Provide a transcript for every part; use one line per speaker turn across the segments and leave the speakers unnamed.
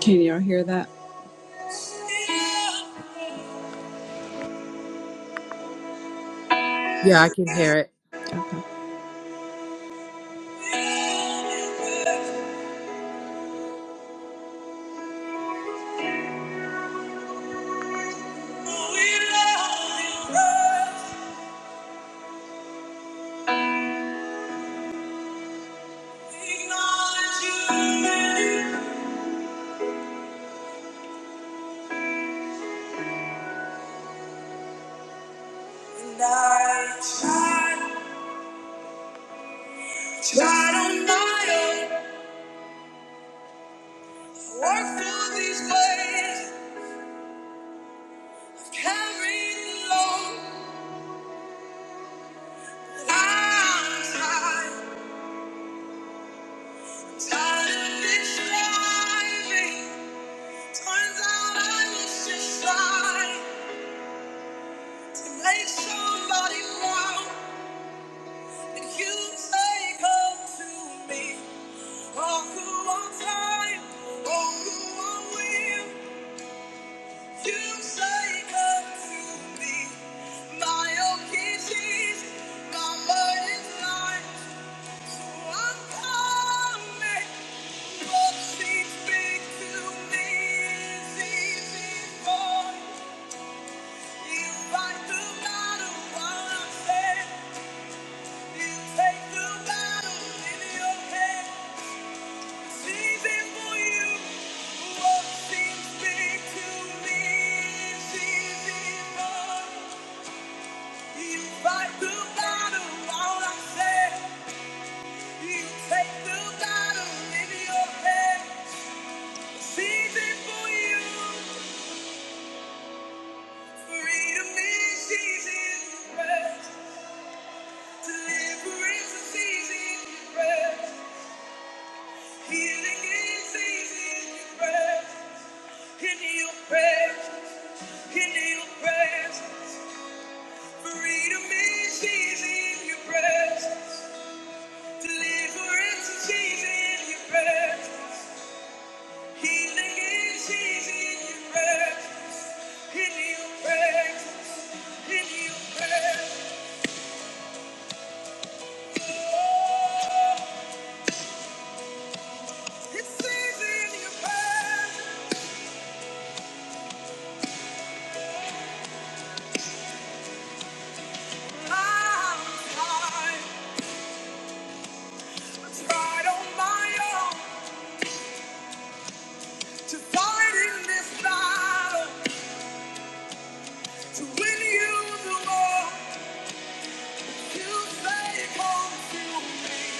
Can y'all hear that?
Yeah, I can hear it.
somebody wrong. you say, Come to me. All who are tired, all who are weary, you say, Come to me. My yoke is my burden light. So I'm coming. What seems big to me is easy for you. fight the battle while I'm You take the battle in your hand. Healing is easy in your breath. Healing is easy in your breath. Freedom is she's in your breath. Deliverance is she's in your breath. Healing is she's in your breath. In your breath. In your breath. Oh, it stays in your breath. I'm fine. on my own to fight in this battle. To win you the war. You say, come to me.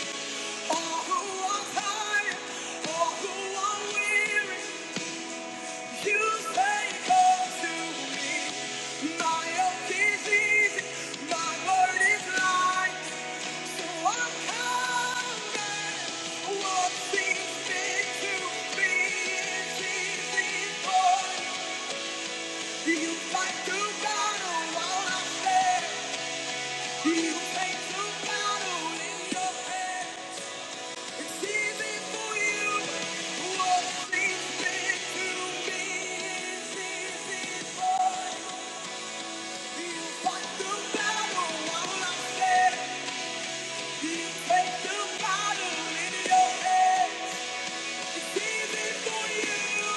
You fight to battle while I stand. You take to battle in your head. It's easy for you who always been through me. It's easy for you. Fight the battle while I'm You take the battle in your head. It's easy for you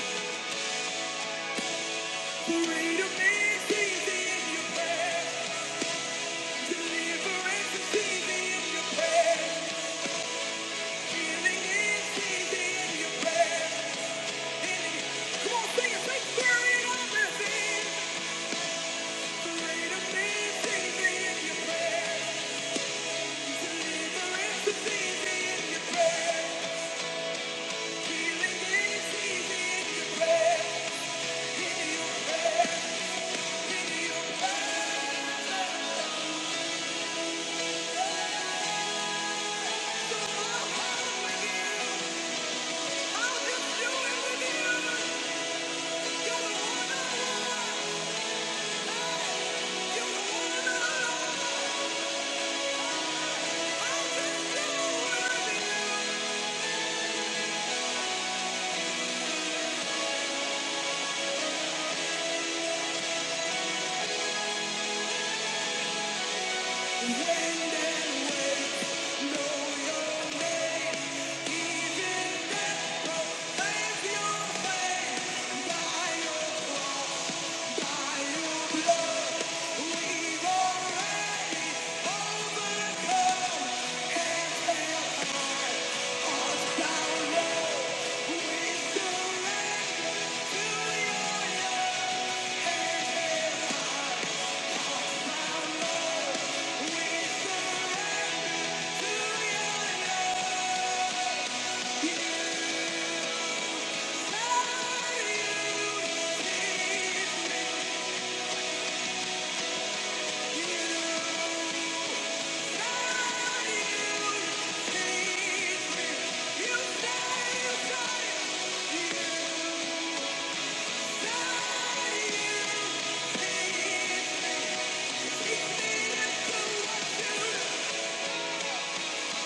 to read easy in your prayer. Deliverance is easy in your prayer. Healing is easy in your prayer. Come on, sing it. Say, carry it on, Thank you. We've Yeah. Cause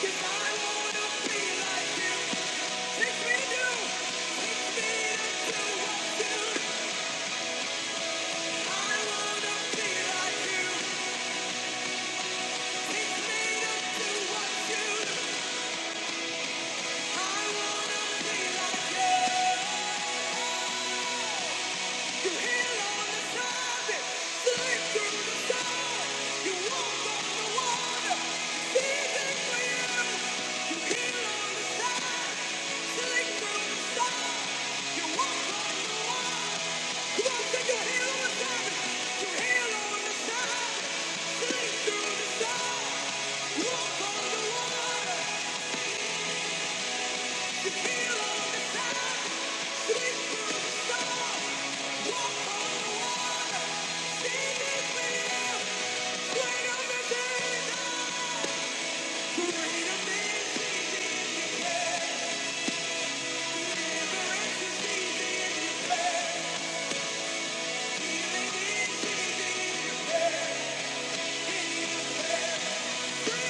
I wanna be like you You walk on the water. Yeah. Freedom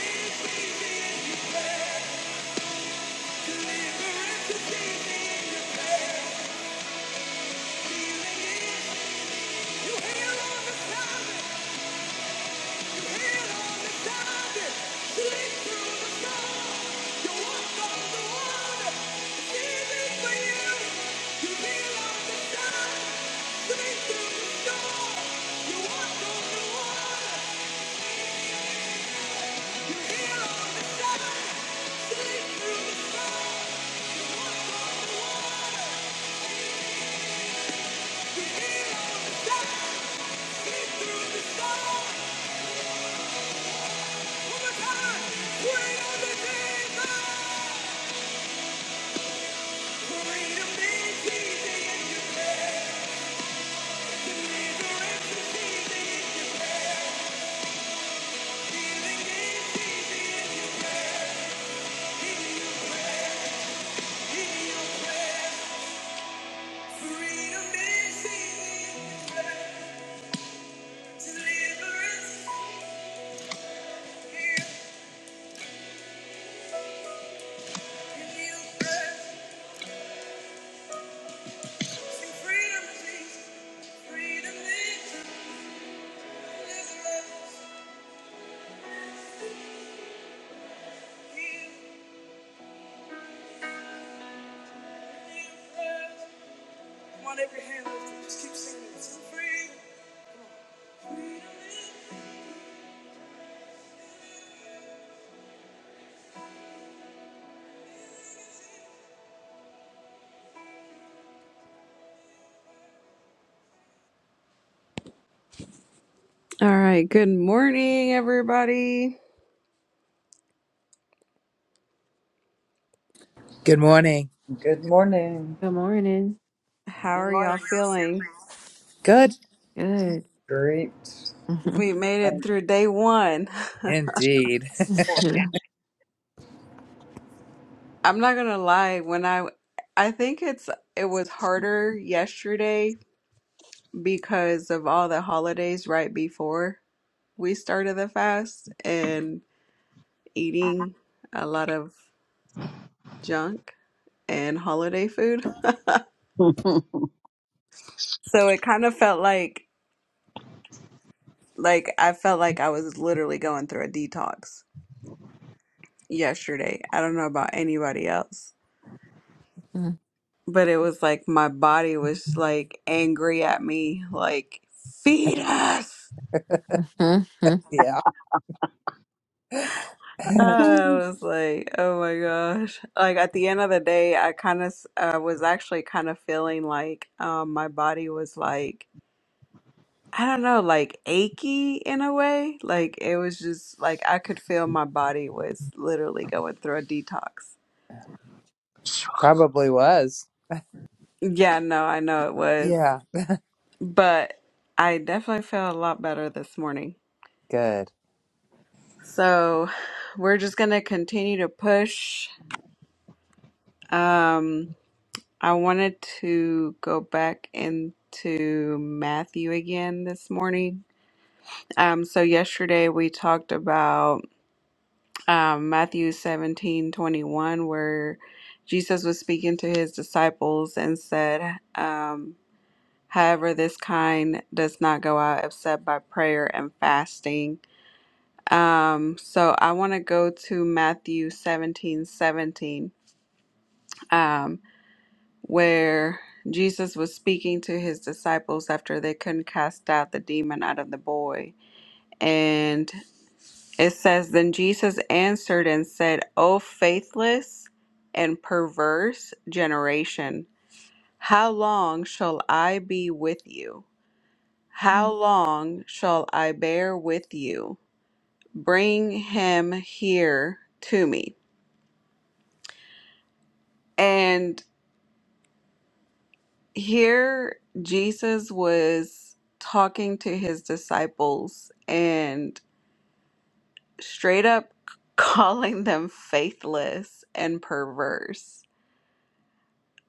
is easy if you pray. Through the Thank you. the walk on the water. Freedom, Jesus. Freedom is a Come on, every hand lifted. Just keep singing it. So free. All right. Good morning, everybody.
Good morning.
Good morning.
Good morning.
How
Good
are
morning.
y'all feeling?
Good.
Good.
Great.
We made it
Frank.
through day one.
Indeed.
morning.
I'm not gonna lie. When I, I think it's it was harder yesterday because of all the holidays right before we started the fast and eating a lot of junk and holiday food. So it kind of felt like like I felt like I was literally going through a detox yesterday. I don't know about anybody else, but it was like my body was like angry at me, like feed us.
Yeah.
I
Hmm.
was like, oh my gosh. Like at the end of the day, I kind of uh, was actually kind of feeling like um, my body was like, I don't know, like achy in a way. Like it was just like I could feel my body was literally going through a detox.
Probably was.
Yeah, no, I know it was,
Yeah.
but I definitely feel a lot better this morning.
Good.
So we're just gonna continue to push. Um, I wanted to go back into Matthew again this morning. Um, so yesterday we talked about um, Matthew seventeen twenty one, where Jesus was speaking to his disciples and said, um. However, this kind does not go out except by prayer and fasting. Um, so I want to go to Matthew 17 17, um, where Jesus was speaking to his disciples after they couldn't cast out the demon out of the boy. And it says, Then Jesus answered and said, O faithless and perverse generation, how long shall I be with you? How long shall I bear with you? Bring him here to me. And here Jesus was talking to his disciples and straight up calling them faithless and perverse.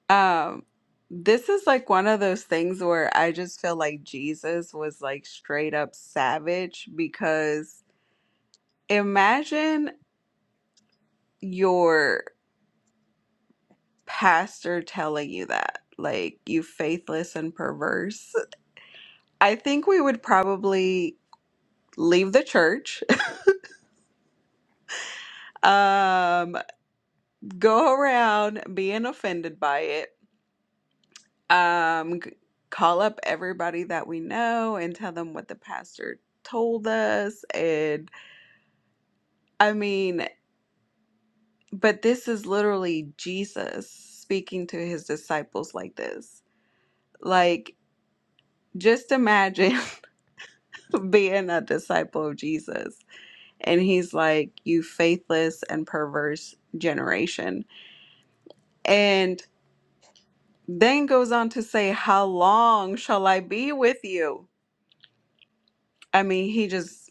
Um, this is like one of those things where I just feel like Jesus was like straight up savage because imagine your pastor telling you that, like, you faithless and perverse, I think we would probably leave the church, um, go around being offended by it, um, g- call up everybody that we know and tell them what the pastor told us. And I mean, but this is literally Jesus speaking to his disciples like this. Like, just imagine being a disciple of Jesus And he's like, You faithless and perverse generation. And then goes on to say, How long shall I be with you? I mean, he just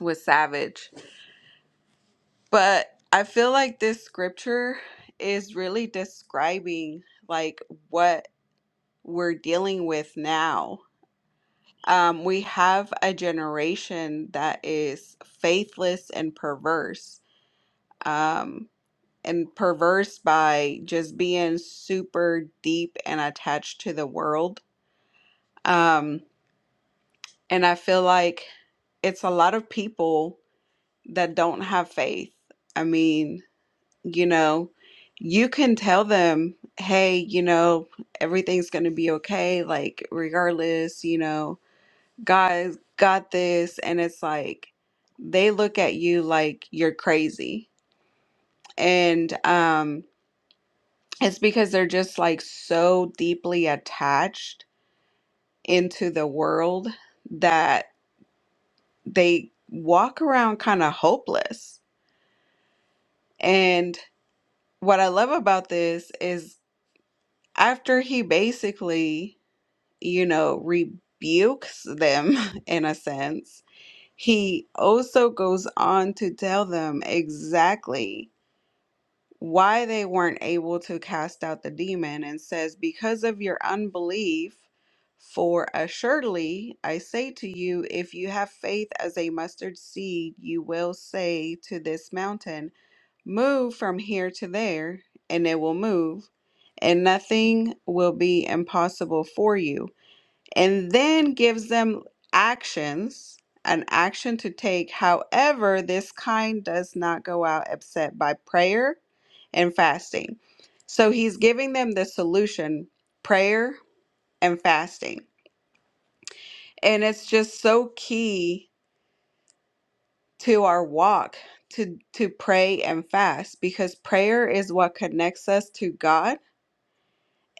was savage. But I feel like this scripture is really describing like what we're dealing with now. Um, we have a generation that is faithless and perverse. Um, and perverse by just being super deep and attached to the world. Um, and I feel like it's a lot of people that don't have faith. I mean, you know, you can tell them, hey, you know, everything's going to be okay, like, regardless, you know, God's got this. And it's like, they look at you like you're crazy. And, um, It's because they're just like so deeply attached into the world that they walk around kind of hopeless. And what I love about this is after he basically, you know, rebukes them in a sense, he also goes on to tell them exactly. why they weren't able to cast out the demon and says, Because of your unbelief, for assuredly I say to you, if you have faith as a mustard seed, you will say to this mountain, Move from here to there, and it will move, and nothing will be impossible for you and then gives them actions, an action to take. However, this kind does not go out except by prayer and fasting. So he's giving them the solution prayer and fasting. And it's just so key to our walk to, to pray and fast because prayer is what connects us to God,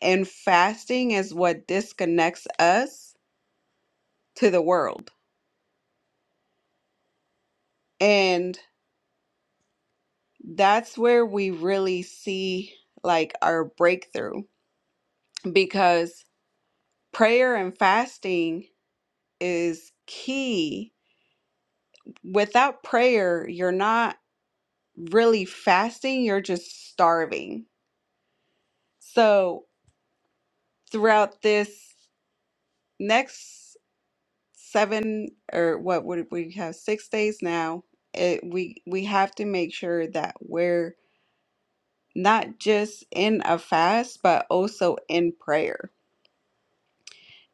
and fasting is what disconnects us to the world. And that's where we really see like our breakthrough because prayer and fasting is key. Without prayer, you're not really fasting, you're just starving. So, throughout this next seven or what would we have six days now, it, we we have to make sure that we're not just in a fast, but also in prayer.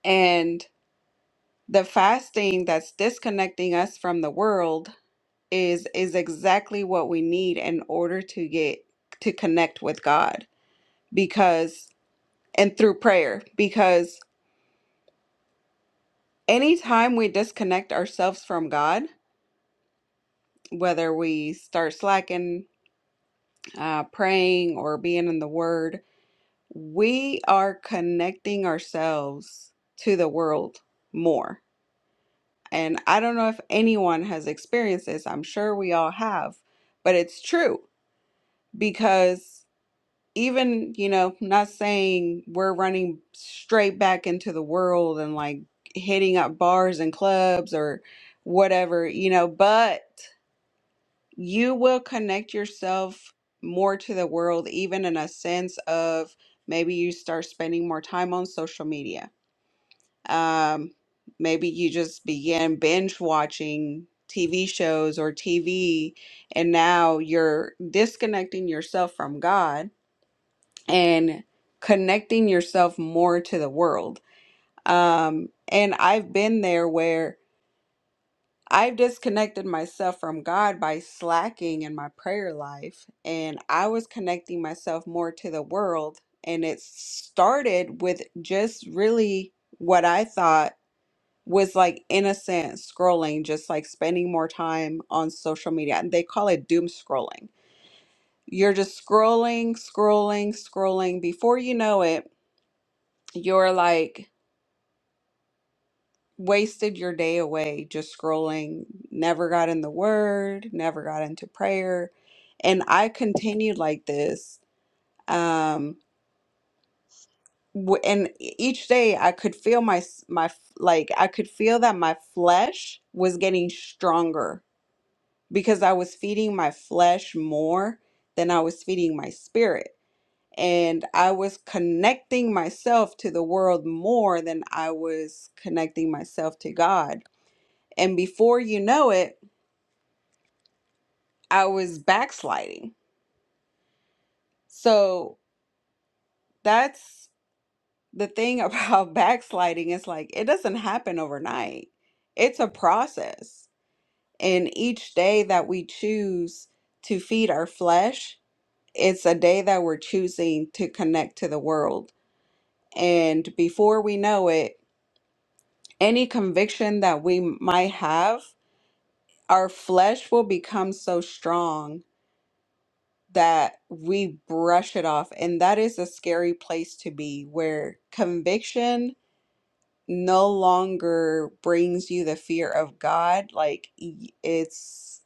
And The fasting that's disconnecting us from the world is is exactly what we need in order to get to connect with God because and through prayer because anytime we disconnect ourselves from God, whether we start slacking, uh, praying or being in the word, we are connecting ourselves to the world more. And I don't know if anyone has experienced this. I'm sure we all have, but it's true because even you know not saying we're running straight back into the world and like hitting up bars and clubs or whatever you know but you will connect yourself more to the world even in a sense of maybe you start spending more time on social media um maybe you just begin binge watching TV shows or TV and now you're disconnecting yourself from God and connecting yourself more to the world. Um, and I've been there where I've disconnected myself from God by slacking in my prayer life, and I was connecting myself more to the world. And it started with just really what I thought was like innocent scrolling, just like spending more time on social media. And they call it doom scrolling. You're just scrolling, scrolling, scrolling. Before you know it, you're like wasted your day away just scrolling, never got in the word, never got into prayer. And I continued like this. Um w- and e, each day I could feel my s- my f- like I could feel that my flesh was getting stronger because I was feeding my flesh more than I was feeding my spirit. And I was connecting myself to the world more than I was connecting myself to God And before you know it, I was backsliding. So that's the thing about backsliding. It's like it doesn't happen overnight, it's a process. And each day that we choose to feed our flesh, it's a day that we're choosing to connect to the world. And before we know it, any conviction that we might have, our flesh will become so strong that we brush it off. And that is a scary place to be where conviction no longer brings you the fear of God. Like y- it's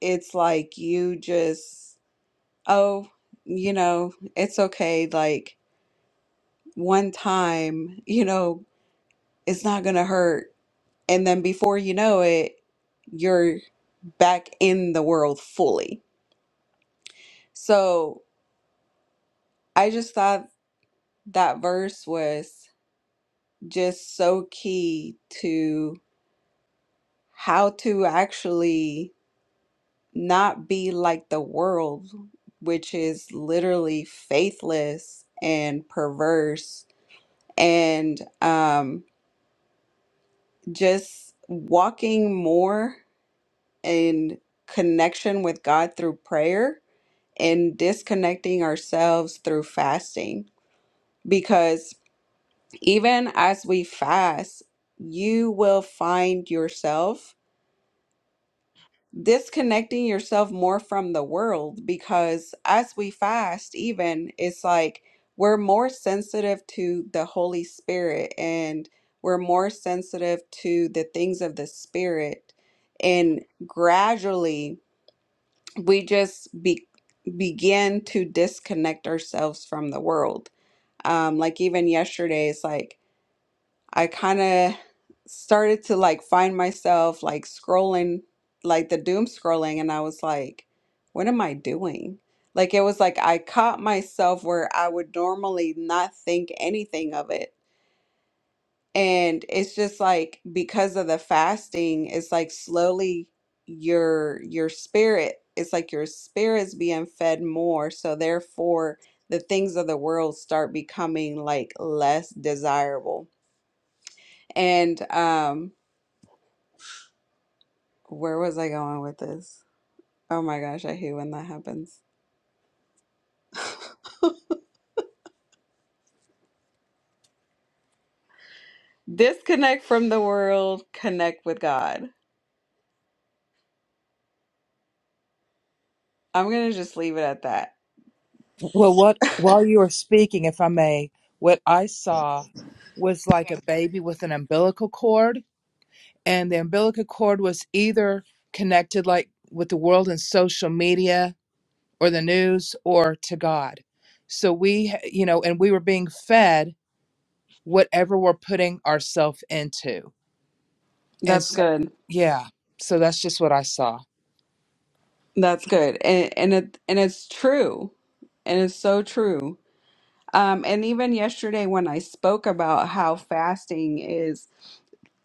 it's like you just oh, you know, it's okay like one time, you know, it's not going to hurt. And then before you know it, you're back in the world fully. So, I just thought that verse was just so key to how to actually not be like the world, which is literally faithless and perverse, and um, just walking more in connection with God through prayer and disconnecting ourselves through fasting. Because even as we fast, you will find yourself disconnecting yourself more from the world because as we fast, even it's like we're more sensitive to the Holy Spirit and we're more sensitive to the things of the Spirit. And gradually we just be, begin to disconnect ourselves from the world. Um, like even yesterday, it's like I kind of started to like find myself like scrolling, like the doom scrolling, and I was like, what am I doing? Like it was like I caught myself where I would normally not think anything of it. And it's just like because of the fasting, it's like slowly your your spirit, it's like your spirit's being fed more. So therefore the things of the world start becoming like less desirable. And um Where was I going with this? Oh my gosh, I hate when that happens. Disconnect from the world, connect with God. I'm gonna just leave it at that.
Well, what while you were speaking, if I may, what I saw was like a baby with an umbilical cord, and the umbilical cord was either connected like with the world and social media or the news or to God. So we, you know, and we were being fed whatever we're putting ourselves into. And
That's
so,
good.
yeah, so that's just what I saw.
That's good. And and it and it's true. And it's so true. Um, and even yesterday when I spoke about how fasting is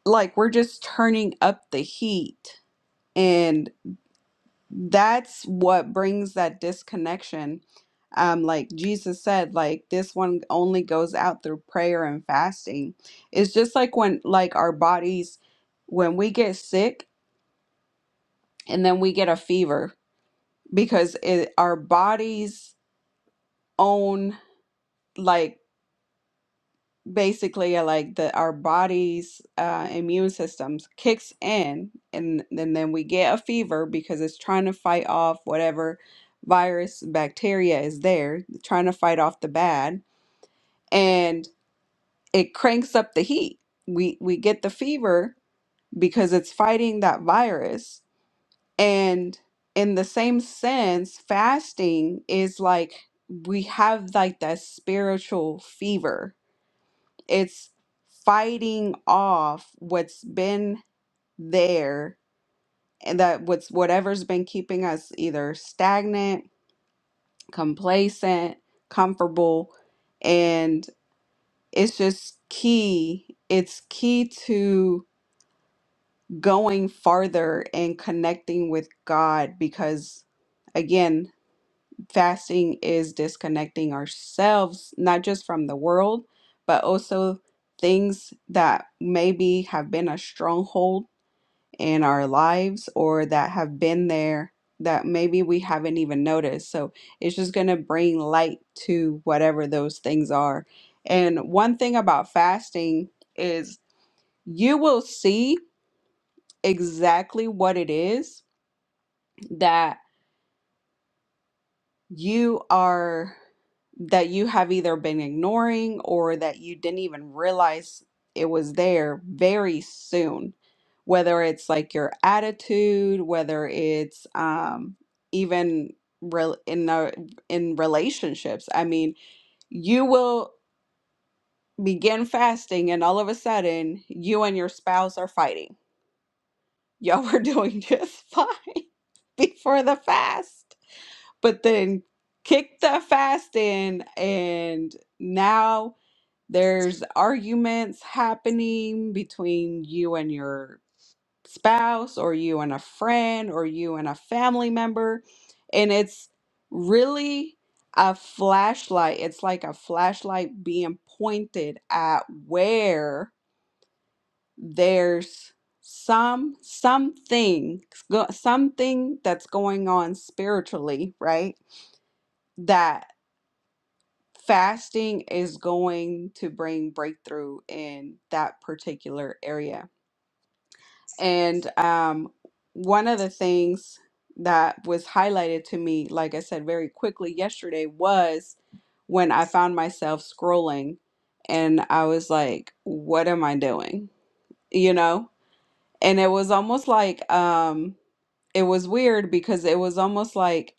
like we're just turning up the heat and. that's what brings that disconnection um like jesus said like this one only goes out through prayer and fasting it's just like when like our bodies when we get sick and then we get a fever because it our body's own like. basically uh, like the our body's uh, immune systems kicks in and, and then we get a fever because it's trying to fight off whatever virus bacteria is there trying to fight off the bad and it cranks up the heat we we get the fever because it's fighting that virus and in the same sense fasting is like we have like that spiritual fever it's fighting off what's been there and that what's whatever's been keeping us either stagnant, complacent, comfortable, and it's just key. It's key to going farther and connecting with God because again fasting is disconnecting ourselves, not just from the world, but also things that maybe have been a stronghold in our lives or that have been there that maybe we haven't even noticed. So it's just going to bring light to whatever those things are. And one thing about fasting is you will see exactly what it is that you are that you have either been ignoring or that you didn't even realize it was there very soon whether it's like your attitude whether it's um even real in the in relationships i mean you will begin fasting and all of a sudden you and your spouse are fighting y'all were doing just fine before the fast but then kick the fast in and now there's arguments happening between you and your spouse or you and a friend or you and a family member and it's really a flashlight it's like a flashlight being pointed at where there's some something go- something that's going on spiritually right that fasting is going to bring breakthrough in that particular area. And um, one of the things that was highlighted to me, like I said very quickly yesterday, was when I found myself scrolling and I was like, what am I doing? You know? And it was almost like, um, it was weird because it was almost like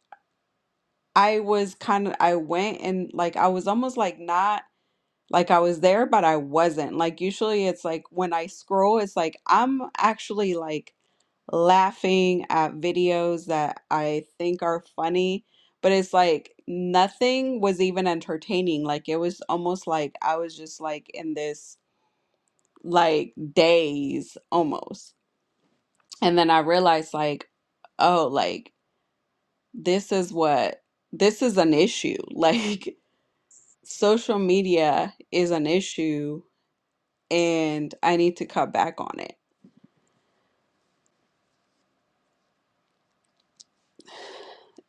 I was kind of, I went and like, I was almost like not Like I was there, but I wasn't. Like usually it's like when I scroll, it's like I'm actually like laughing at videos that I think are funny, but it's like nothing was even entertaining. Like it was almost like I was just like in this like daze almost. And then I realized like, oh, like this is what this is an issue. Like social media is an issue and I need to cut back on it.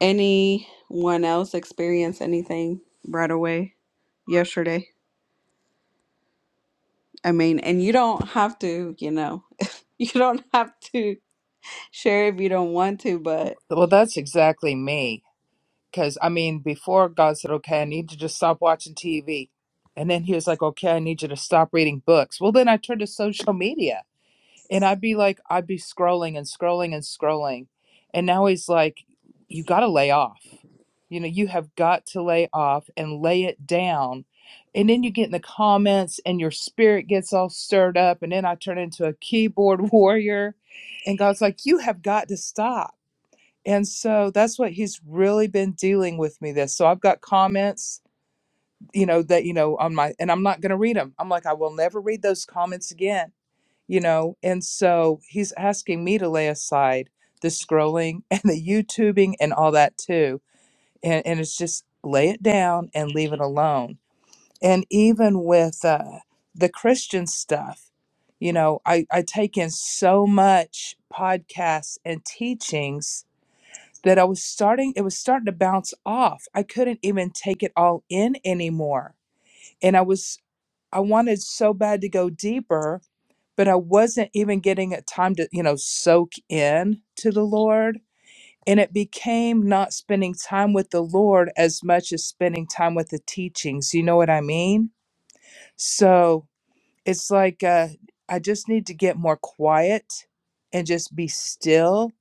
Anyone else experience anything right away yesterday? I mean, and you don't have to, you know, you don't have to share if you don't want to, but.
Well, that's exactly me. Because, I mean, before God said, okay, I need you to stop watching TV. And then he was like, okay, I need you to stop reading books. Well, then I turned to social media. And I'd be like, I'd be scrolling and scrolling and scrolling. And now he's like, you got to lay off. You know, you have got to lay off and lay it down. And then you get in the comments and your spirit gets all stirred up. And then I turn into a keyboard warrior. And God's like, you have got to stop. And so that's what he's really been dealing with me this. So I've got comments, you know, that, you know, on my, and I'm not going to read them. I'm like, I will never read those comments again you know and so he's asking me to lay aside the scrolling and the youtubing and all that too and, and it's just lay it down and leave it alone and even with uh, the christian stuff you know I, I take in so much podcasts and teachings that i was starting it was starting to bounce off i couldn't even take it all in anymore and i was i wanted so bad to go deeper but I wasn't even getting it time to, you know, soak in to the Lord. And it became not spending time with the Lord as much as spending time with the teachings. You know what I mean? So it's like uh, I just need to get more quiet and just be still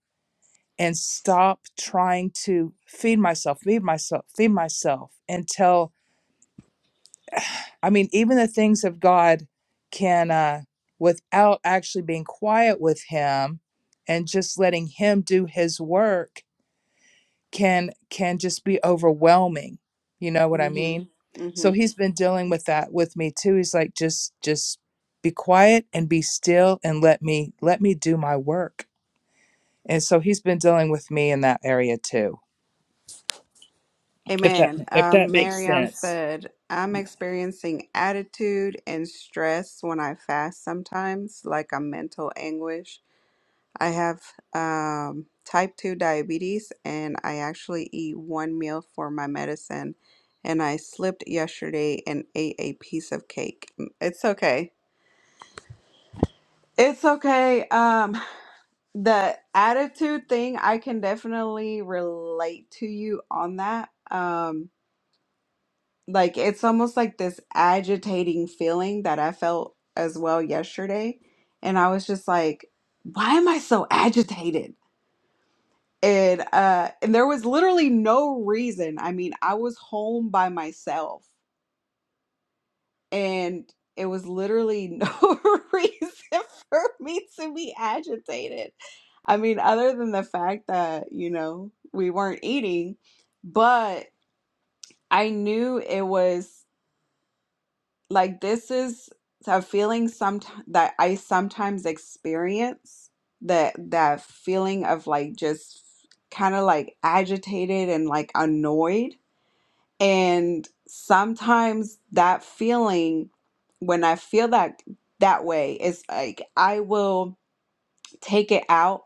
and stop trying to feed myself, feed myself, feed myself until I mean, even the things of God can, uh, without actually being quiet with Him and just letting Him do His work, can can just be overwhelming. You know what I
hmm
mean?
hmm
So He's been dealing with that with me too. He's like, just just be quiet and be still and let me let me do my work. And so He's been dealing with me in that area too. If that
Amen.
if
Um,
that makes
Marion
sense.
said, I'm experiencing attitude and stress when I fast sometimes, like a mental anguish. I have um, type 2 diabetes and I actually eat one meal for my medicine. And I slipped yesterday and ate a piece of cake. Mm, It's okay. It's okay. Um, the attitude thing, I can definitely relate to you on that. Um, like it's almost like this agitating feeling that I felt as well yesterday. And I was just like, why am I so agitated? and uh and there was literally no reason i mean i was home by myself and it was literally no reason for me to be agitated i mean other than the fact that you know we weren't eating but i knew it was like this is a feeling some that i sometimes experience that that feeling of like just kind of like agitated and like annoyed And sometimes that feeling, when I feel that that way, it's like I will take it out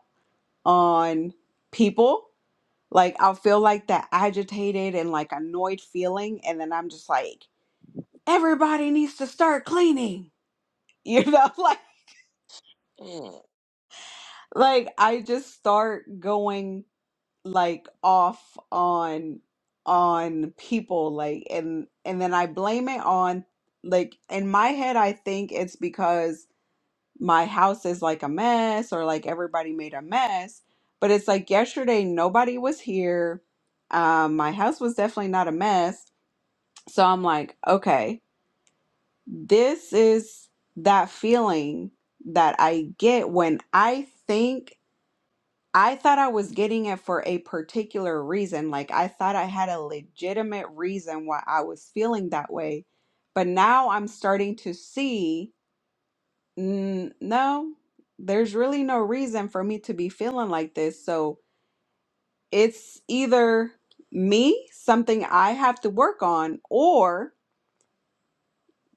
on people. Like I'll feel like that agitated and like annoyed feeling, and then I'm just like, everybody needs to start cleaning. You know, like like I just start going like off on on people like and and then I blame it on like in my head I think it's because my house is like a mess or like everybody made a mess but it's like yesterday nobody was here um my house was definitely not a mess so I'm like okay this is that feeling that I get when I think I thought I was getting it for a particular reason. Like I thought I had a legitimate reason why I was feeling that way. But now I'm starting to see, mm, no, there's really no reason for me to be feeling like this. So it's either me, something I have to work on, or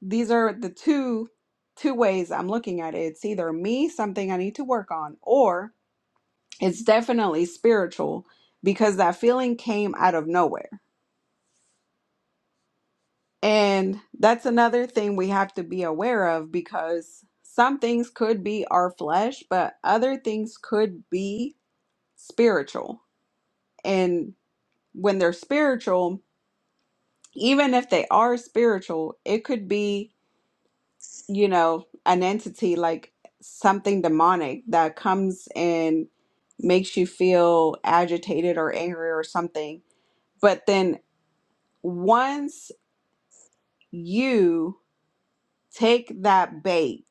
these are the two two ways I'm looking at it. It's either me, something I need to work on, or it's definitely spiritual because that feeling came out of nowhere. And that's another thing we have to be aware of because some things could be our flesh, but other things could be spiritual. And when they're spiritual, even if they are spiritual, it could be, you know, an entity like something demonic that comes and makes you feel agitated or angry or something. But then once you take that bait,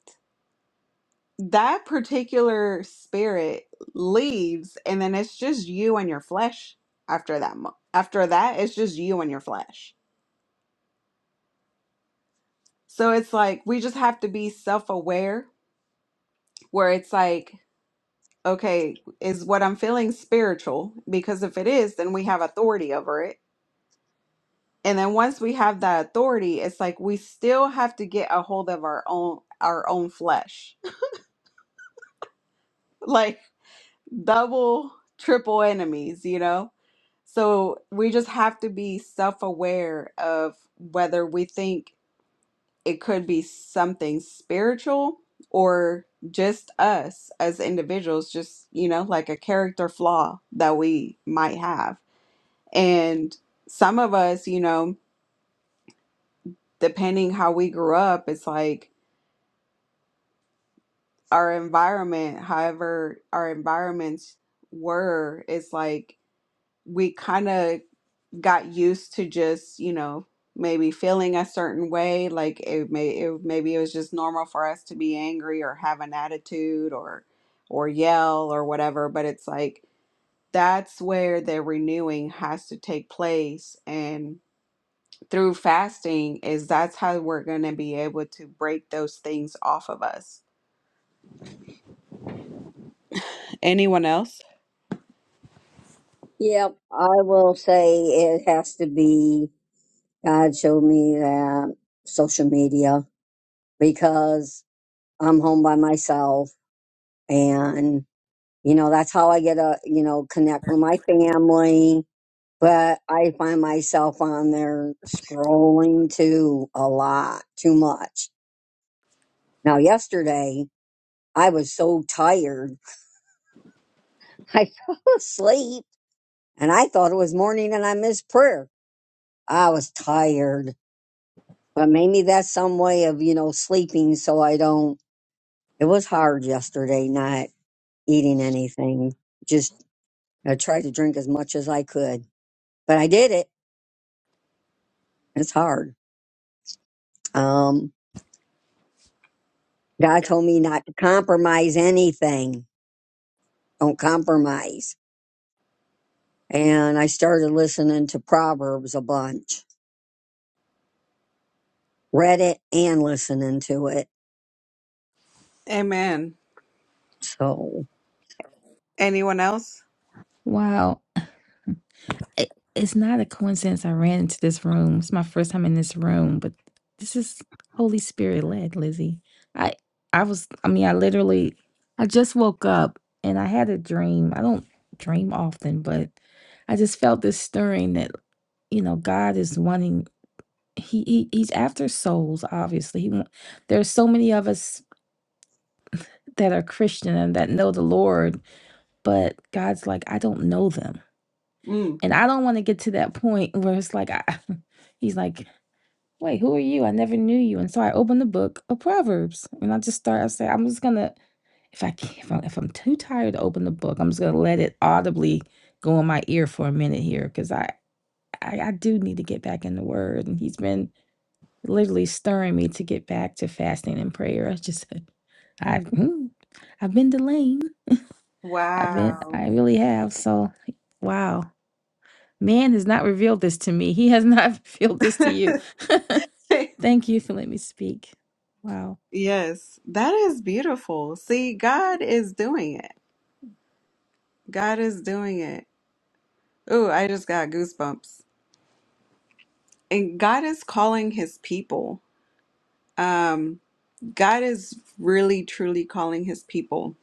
that particular spirit leaves, and then it's just you and your flesh after that. mo- After that, it's just you and your flesh. So it's like we just have to be self aware where it's like, okay, is what I'm feeling spiritual? Because if it is, then we have authority over it. And then once we have that authority, it's like we still have to get a hold of our own our own flesh. like double, triple enemies, you know? So we just have to be self aware of whether we think it could be something spiritual or just us as individuals, just, you know, like a character flaw that we might have. And some of us, you know, depending how we grew up, it's like our environment, however, our environments were, it's like we kind of got used to just, you know, maybe feeling a certain way, like it may it, maybe it was just normal for us to be angry or have an attitude or or yell or whatever, but it's like that's where the renewing has to take place and through fasting is that's how we're going to be able to break those things off of us. Anyone else?
Yep, I will say it has to be God showed me that social media because I'm home by myself and you know that's how I get a you know connect with my family. But I find myself on there scrolling too a lot, too much. Now yesterday I was so tired I fell asleep and I thought it was morning and I missed prayer. I was tired, but maybe that's some way of, you know, sleeping so I don't. It was hard yesterday not eating anything. Just I tried to drink as much as I could, but I did it. It's hard. Um, God told me not to compromise anything. Don't compromise. And I started listening to Proverbs a bunch, read it and listening to it.
Amen.
So,
Anyone else?
Wow. It, it's not a coincidence I ran into this room. It's my first time in this room, but this is Holy Spirit led, Lizzie. I I was I mean, I literally I just woke up and I had a dream. I don't dream often, but I just felt this stirring that you know, God is wanting he, he he's after souls, obviously. He want, there are so many of us that are Christian and that know the Lord, but God's like, I don't know them.
Mm.
And I don't want to get to that point where it's like, I, he's like, wait, who are you? I never knew you. And so I open the book of Proverbs and I just start, I say, I'm just going to, if I can't, if I'm, if I'm too tired to open the book, I'm just going to let it audibly go in my ear for a minute here because I, I, I do need to get back in the word. And he's been literally stirring me to get back to fasting and prayer. I just, I've, mm, I've been delaying. I've been,
Wow.
I really have. So, wow. Man has not revealed this to me. He has not revealed this to you. Thank you for letting me speak. Wow.
Yes, that is beautiful. See, God is doing it. God is doing it. Ooh, I just got goosebumps. And God is calling his people. Um, God is really truly calling his people.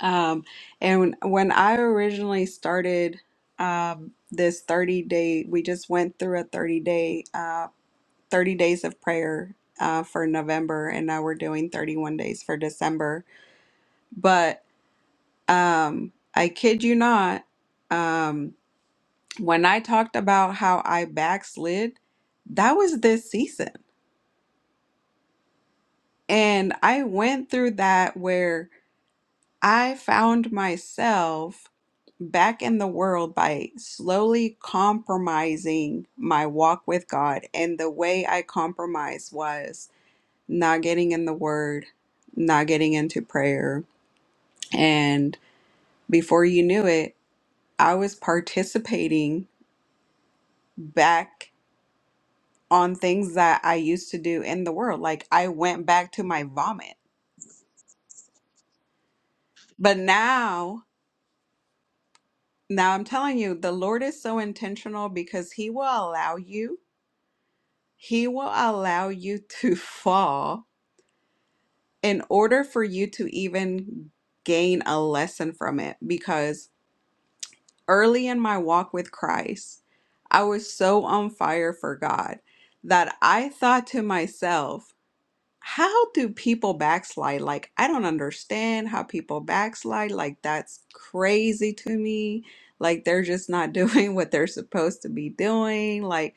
Um, and when, when I originally started um, this 30 day, we just went through a 30 day, uh, 30 days of prayer uh, for November, and now we're doing 31 days for December. But Um, I kid you not. Um, when I talked about how I backslid, that was this season. And I went through that where I found myself back in the world by slowly compromising my walk with God. And the way I compromised was not getting in the word, not getting into prayer. And before you knew it, I was participating back on things that I used to do in the world. Like I went back to my vomit. But now, now I'm telling you, the Lord is so intentional because He will allow you, He will allow you to fall in order for you to even gain a lesson from it. Because early in my walk with Christ, I was so on fire for God that I thought to myself, How do people backslide? Like, I don't understand how people backslide. Like, that's crazy to me. Like, they're just not doing what they're supposed to be doing. Like,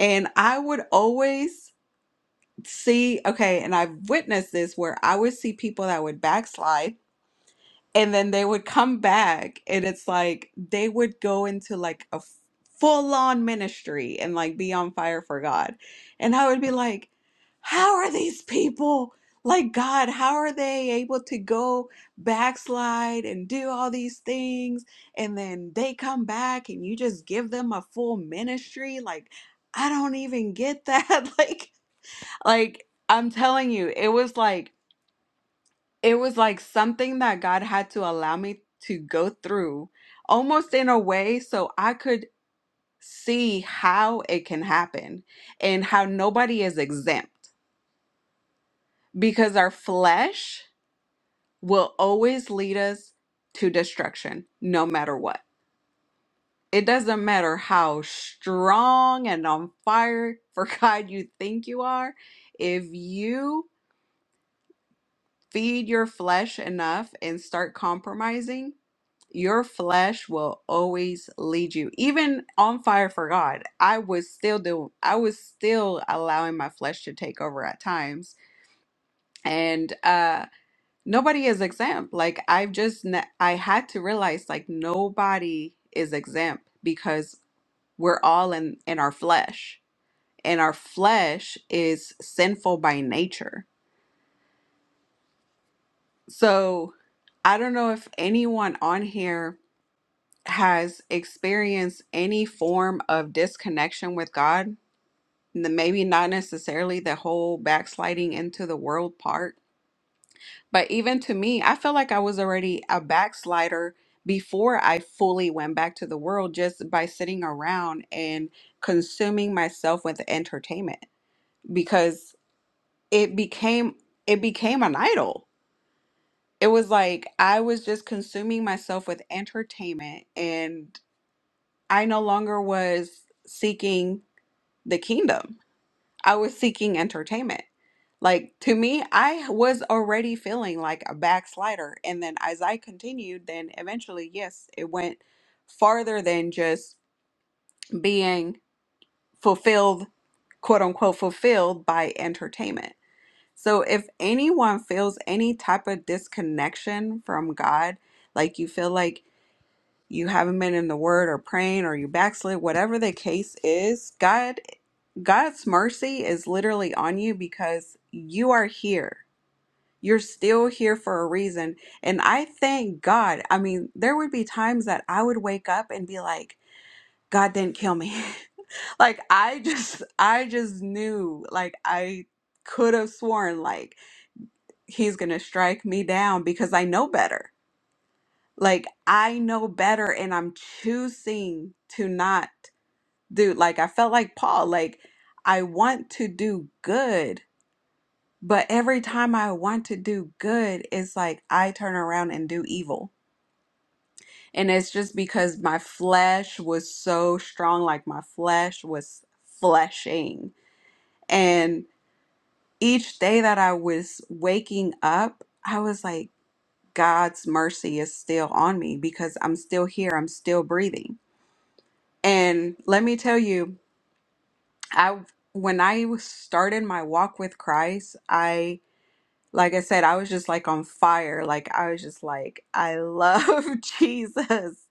and I would always see, okay, and I've witnessed this where I would see people that would backslide and then they would come back and it's like they would go into like a f- full-on ministry and like be on fire for god and i would be like how are these people like god how are they able to go backslide and do all these things and then they come back and you just give them a full ministry like i don't even get that like like i'm telling you it was like it was like something that God had to allow me to go through almost in a way so I could see how it can happen and how nobody is exempt because our flesh will always lead us to destruction no matter what. It doesn't matter how strong and on fire for God you think you are. If you feed your flesh enough and start compromising, your flesh will always lead you even on fire for god i was still do i was still allowing my flesh to take over at times and uh nobody is exempt like i've just ne- i had to realize like nobody is exempt because we're all in in our flesh and our flesh is sinful by nature so i don't know if anyone on here has experienced any form of disconnection with God, n- maybe not necessarily the whole backsliding into the world part, but even to me, I feel like I was already a backslider before I fully went back to the world just by sitting around and consuming myself with entertainment because it became it became an idol. It was like I was just consuming myself with entertainment and I no longer was seeking the kingdom. I was seeking entertainment. Like to me, I was already feeling like a backslider. And then as I continued, then eventually, yes, it went farther than just being fulfilled, quote unquote, fulfilled by entertainment. So if anyone feels any type of disconnection from God, like you feel like you haven't been in the word or praying or you backslid, whatever the case is, God God's mercy is literally on you because you are here. You're still here for a reason. And I thank God. I mean, there would be times that I would wake up and be like, God didn't kill me. like I just I just knew like I could have sworn like he's going to strike me down because I know better. Like I know better and I'm choosing to not do like I felt like Paul like I want to do good But every time I want to do good, it's like I turn around and do evil. And it's just because my flesh was so strong, like my flesh was fleshing. And each day that I was waking up, I was like, God's mercy is still on me because I'm still here, I'm still breathing. And let me tell you, I when I started my walk with Christ, I. Like I said, I was just like on fire. Like I was just like, I love Jesus.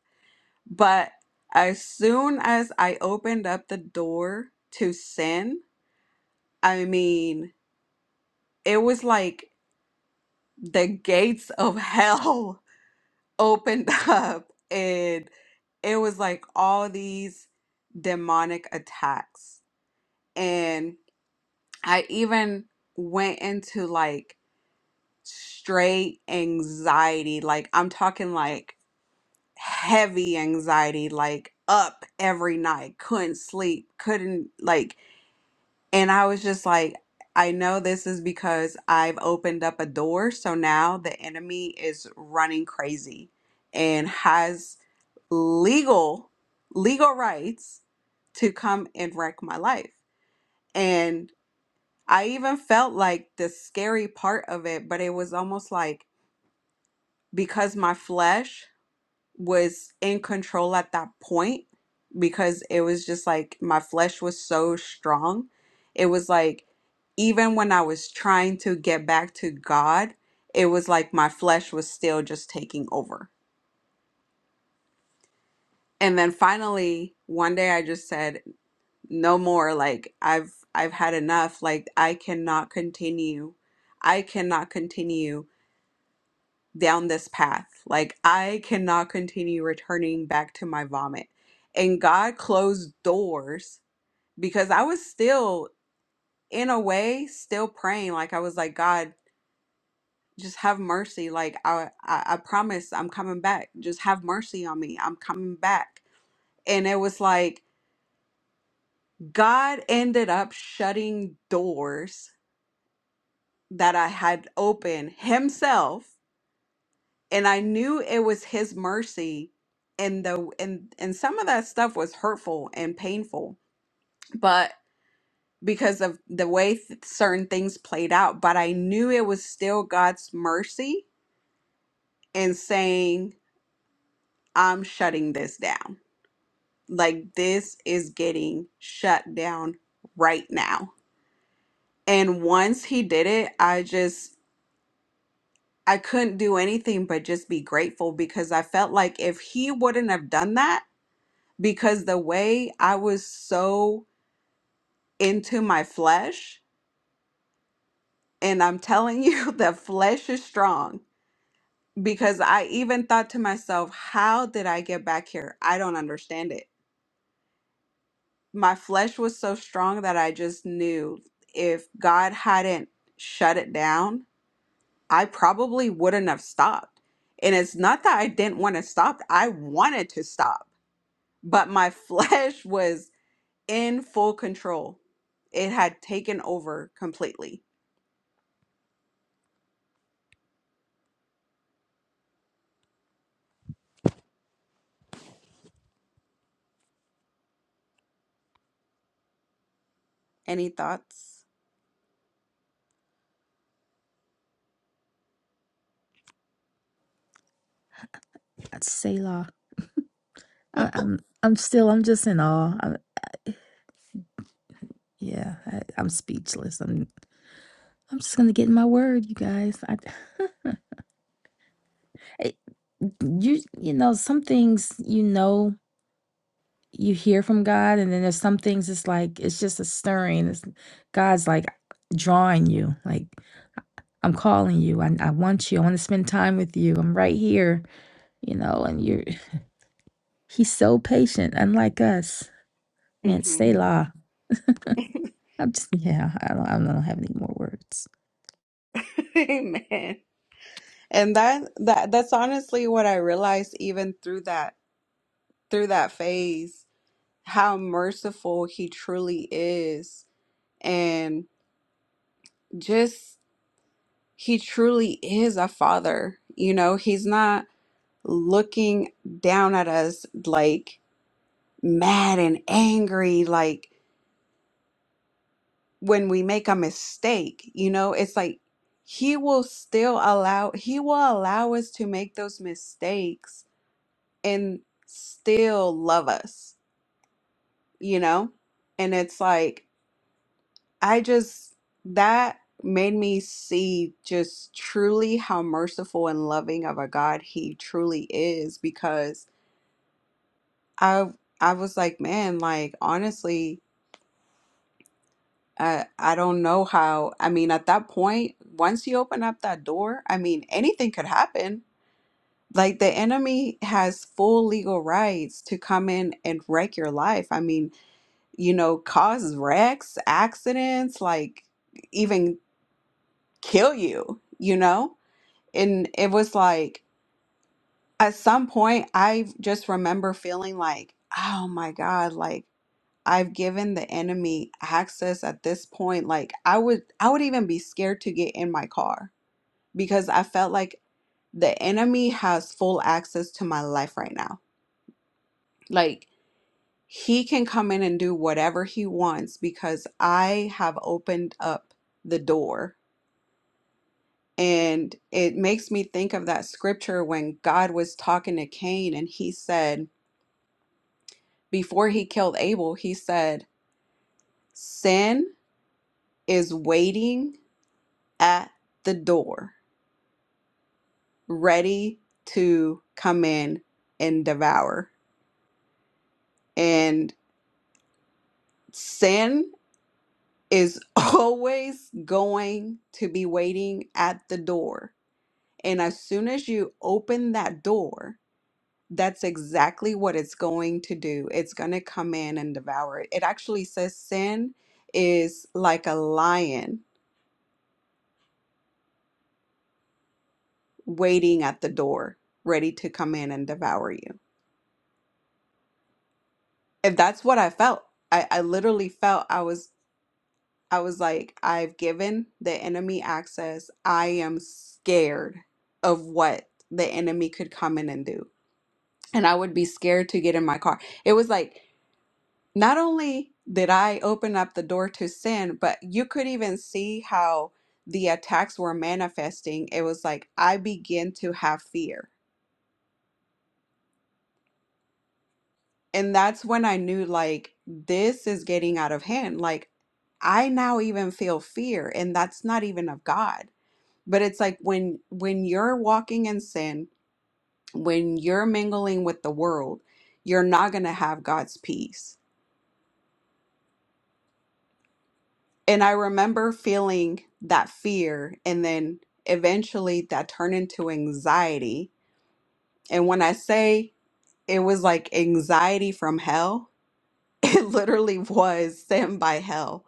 But as soon as I opened up the door to sin, I mean, it was like the gates of hell opened up and it was like all these demonic attacks. And I even went into like straight anxiety. Like I'm talking like heavy anxiety, like up every night, couldn't sleep, couldn't like, and I was just like, I know this is because I've opened up a door. So now the enemy is running crazy and has legal, legal rights to come and wreck my life. And I even felt like the scary part of it, but it was almost like, because my flesh was in control at that point because it was just like my flesh was so strong. It was like even when I was trying to get back to God, it was like my flesh was still just taking over. And then finally, one day I just said, "No more. Like I've I've had enough. Like I cannot continue. I cannot continue down this path. Like, I cannot continue returning back to my vomit. And God closed doors because I was still, in a way, still praying. Like, I was like, God, just have mercy. Like, I, I, I promise I'm coming back. Just have mercy on me. I'm coming back. And it was like, God ended up shutting doors that I had opened Himself and I knew it was his mercy and the and and some of that stuff was hurtful and painful but because of the way th- certain things played out but I knew it was still God's mercy in saying I'm shutting this down like this is getting shut down right now and once he did it I just I couldn't do anything but just be grateful because I felt like if he wouldn't have done that because the way I was so into my flesh, and I'm telling you, the flesh is strong because I even thought to myself, how did I get back here? I don't understand it. My flesh was so strong that I just knew if God hadn't shut it down, I probably wouldn't have stopped. And it's not that I didn't want to stop, I wanted to stop, but my flesh was in full control. It had taken over completely. Any thoughts?
That's Selah. I, I'm I'm still I'm just in awe. I, yeah, I, I'm speechless. I'm I'm just gonna get in my word, you guys. I, I you you know some things you know you hear from God, and then there's some things it's like it's just a stirring. It's God's like drawing you. Like I'm calling you. I I want you. I want to spend time with you. I'm right here. you know, and you're he's so patient, unlike us. Man,
hmm
stay I'm just yeah, I don't I don't have any more words.
Amen. And that that that's honestly what I realized even through that through that phase, how merciful he truly is. And just He truly is a father. You know, he's not looking down at us like mad and angry, like when we make a mistake. You know, it's like he will still allow, he will allow us to make those mistakes and still love us, you know? And it's like, I just, that made me see just truly how merciful and loving of a God he truly is because I I was like, man, like honestly, I I don't know how. I mean, at that point, once you open up that door, I mean, anything could happen. Like the enemy has full legal rights to come in and wreck your life. I mean, you know, cause wrecks, accidents, like even kill you, you know? and it was like at some point i just remember feeling like oh my god like i've given the enemy access at this point like i would i would even be scared to get in my car because i felt like the enemy has full access to my life right now like he can come in and do whatever he wants because i have opened up the door And it makes me think of that scripture when God was talking to Cain and he said, before he killed Abel, he said, Sin is waiting at the door, ready to come in and devour. And sin is always going to be waiting at the door. And as soon as you open that door, That's exactly what it's going to do. It's going to come in and devour it. It actually says sin is like a lion waiting at the door, ready to come in and devour you. If that's what I felt, I, I literally felt I was I was like, I've given the enemy access. I am scared of what the enemy could come in and do. And I would be scared to get in my car. It was like Not only did I open up the door to sin, but you could even see how the attacks were manifesting. It was like I began to have fear. And that's when I knew, like, this is getting out of hand. Like, I now even feel fear, and that's not even of God. But it's like when when you're walking in sin, when you're mingling with the world, you're not going to have God's peace And I remember feeling that fear, and then eventually that turned into anxiety. And when I say it was like anxiety from hell, it literally was sent by hell.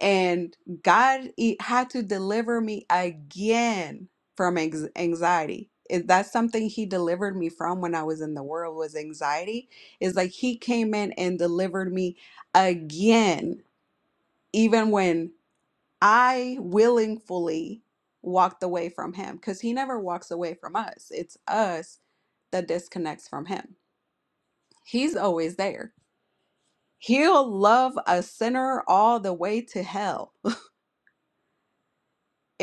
And God e- had to deliver me again from anx- anxiety. Is that something he delivered me from when I was in the world was anxiety? Is like he came in and delivered me again, even when I willingly walked away from him because he never walks away from us. It's us that disconnects from him. He's always there. He'll love a sinner all the way to hell.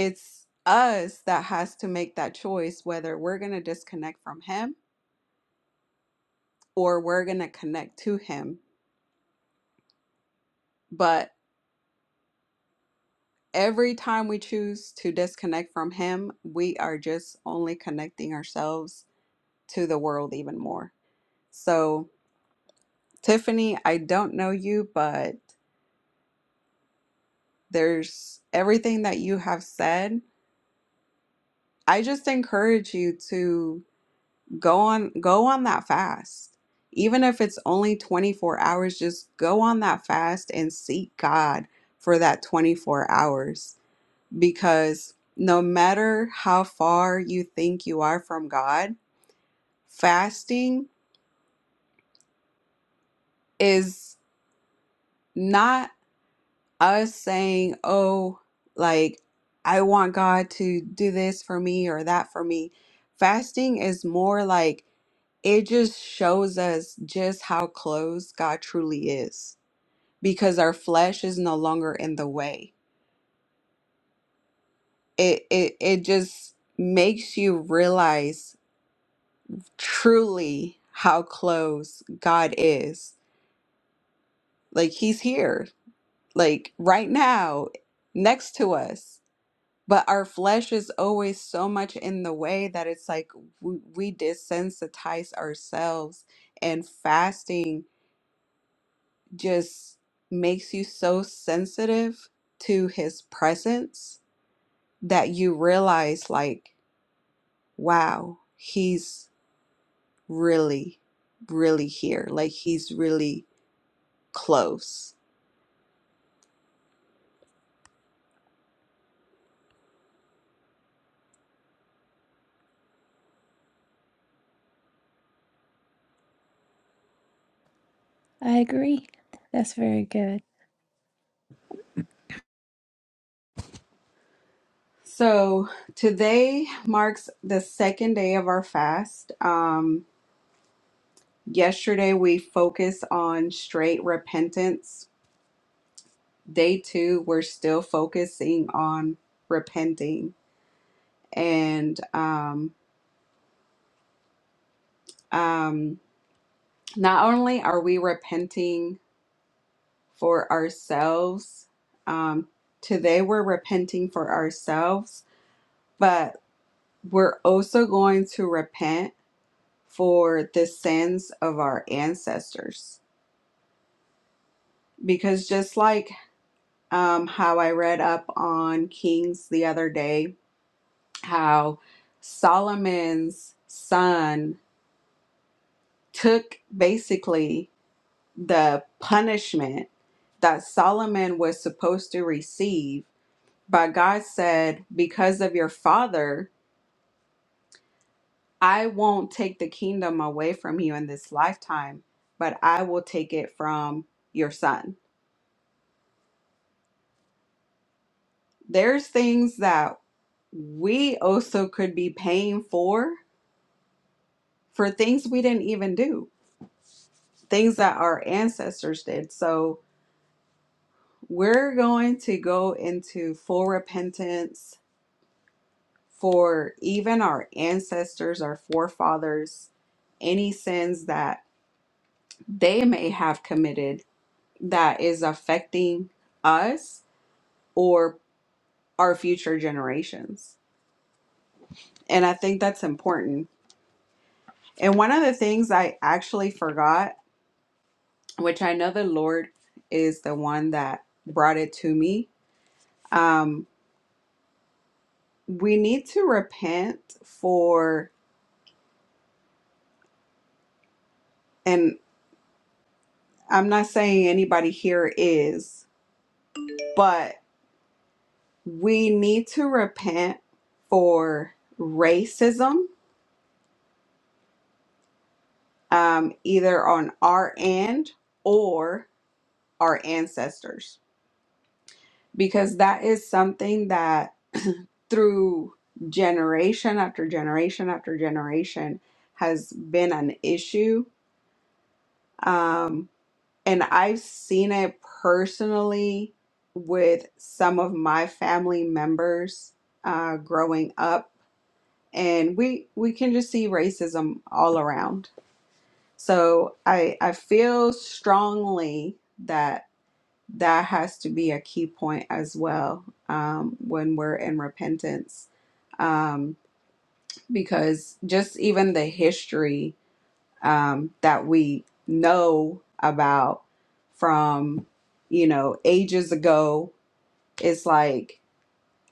It's us that has to make that choice whether we're going to disconnect from him or we're going to connect to him. But every time we choose to disconnect from him, we are just only connecting ourselves to the world even more. So, Tiffany, I don't know you, but there's everything that you have said. I just encourage you to go on go on that fast. Even if it's only 24 hours, just go on that fast and seek God for that 24 hours because no matter how far you think you are from God, fasting is not us saying, oh, like, I want God to do this for me or that for me. Fasting is more like it just shows us just how close God truly is because our flesh is no longer in the way. It, it, it just makes you realize truly how close God is. Like, He's here, like, right now, next to us but our flesh is always so much in the way that it's like we, we desensitize ourselves and fasting just makes you so sensitive to his presence that you realize like wow he's really really here like he's really close
I agree. That's very good.
so today marks the second day of our fast um Yesterday, we focused on straight repentance. Day two, we're still focusing on repenting. And um, um, not only are we repenting for ourselves, um, today we're repenting for ourselves, but we're also going to repent for the sins of our ancestors. Because just like um, how I read up on Kings the other day, how Solomon's son took basically the punishment that Solomon was supposed to receive. But God said, Because of your father, I won't take the kingdom away from you in this lifetime, but I will take it from your son. There's things that we also could be paying for for things we didn't even do, things that our ancestors did. So, We're going to go into full repentance for even our ancestors, our forefathers, any sins that they may have committed that is affecting us or our future generations. And I think that's important. And one of the things I actually forgot, which I know the Lord is the one that brought it to me, um, we need to repent for. and. I'm not saying anybody here is, but we need to repent for racism, um, either on our end or our ancestors, because that is something that through generation after generation after generation has been an issue. Um, And I've seen it personally with some of my family members uh, growing up, and we we can just see racism all around. So I I feel strongly that that has to be a key point as well um, when we're in repentance, um, because just even the history um, that we know about from, you know, ages ago. It's like,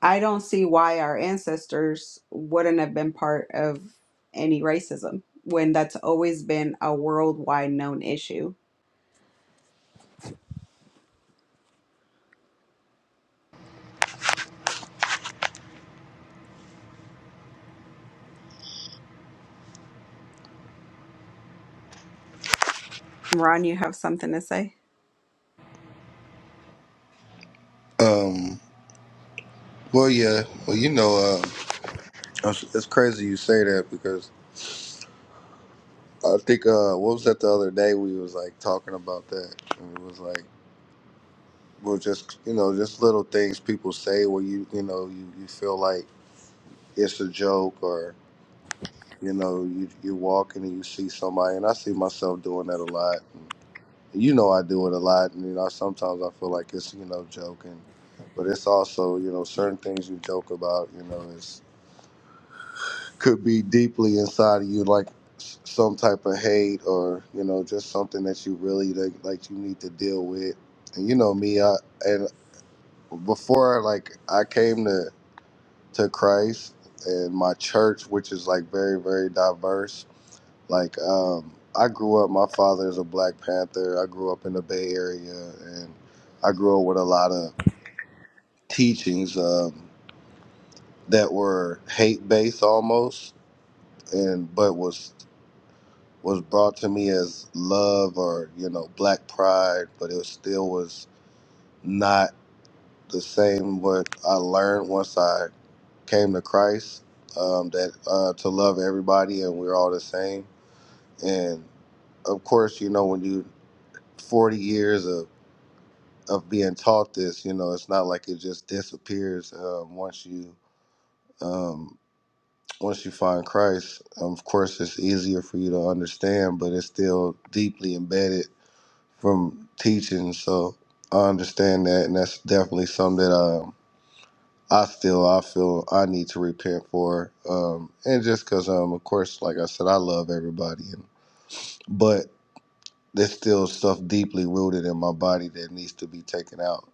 I don't see why our ancestors wouldn't have been part of any racism when that's always been a worldwide known issue. Ron, you have something to say?
Um. Well, yeah. Well, you know, uh, it's it's crazy you say that because I think uh, what was that the other day we was like talking about that, and it was like, well, just you know, just little things people say where you you know you, you feel like it's a joke or you know you you're walking and you see somebody, and I see myself doing that a lot. And you know, I do it a lot, and you know, sometimes I feel like it's you know joking, but it's also you know certain things you joke about, you know, is could be deeply inside of you, like s- some type of hate or you know just something that you really like, like you need to deal with. And you know me, I and before like I came to to Christ and my church, which is like very very diverse. Like um, I grew up, my father is a Black Panther. I grew up in the Bay Area, and I grew up with a lot of teachings um, that were hate based almost, and but was was brought to me as love or you know black pride but it still was not the same what i learned once i came to christ um, that uh, to love everybody and we're all the same and of course you know when you 40 years of of being taught this you know it's not like it just disappears um, once you um, once you find christ of course it's easier for you to understand but it's still deeply embedded from teaching. So I understand that, and that's definitely something that um, I still I feel I need to repent for. Um, and just because, um, of course, like I said, I love everybody, and, but there's still stuff deeply rooted in my body that needs to be taken out.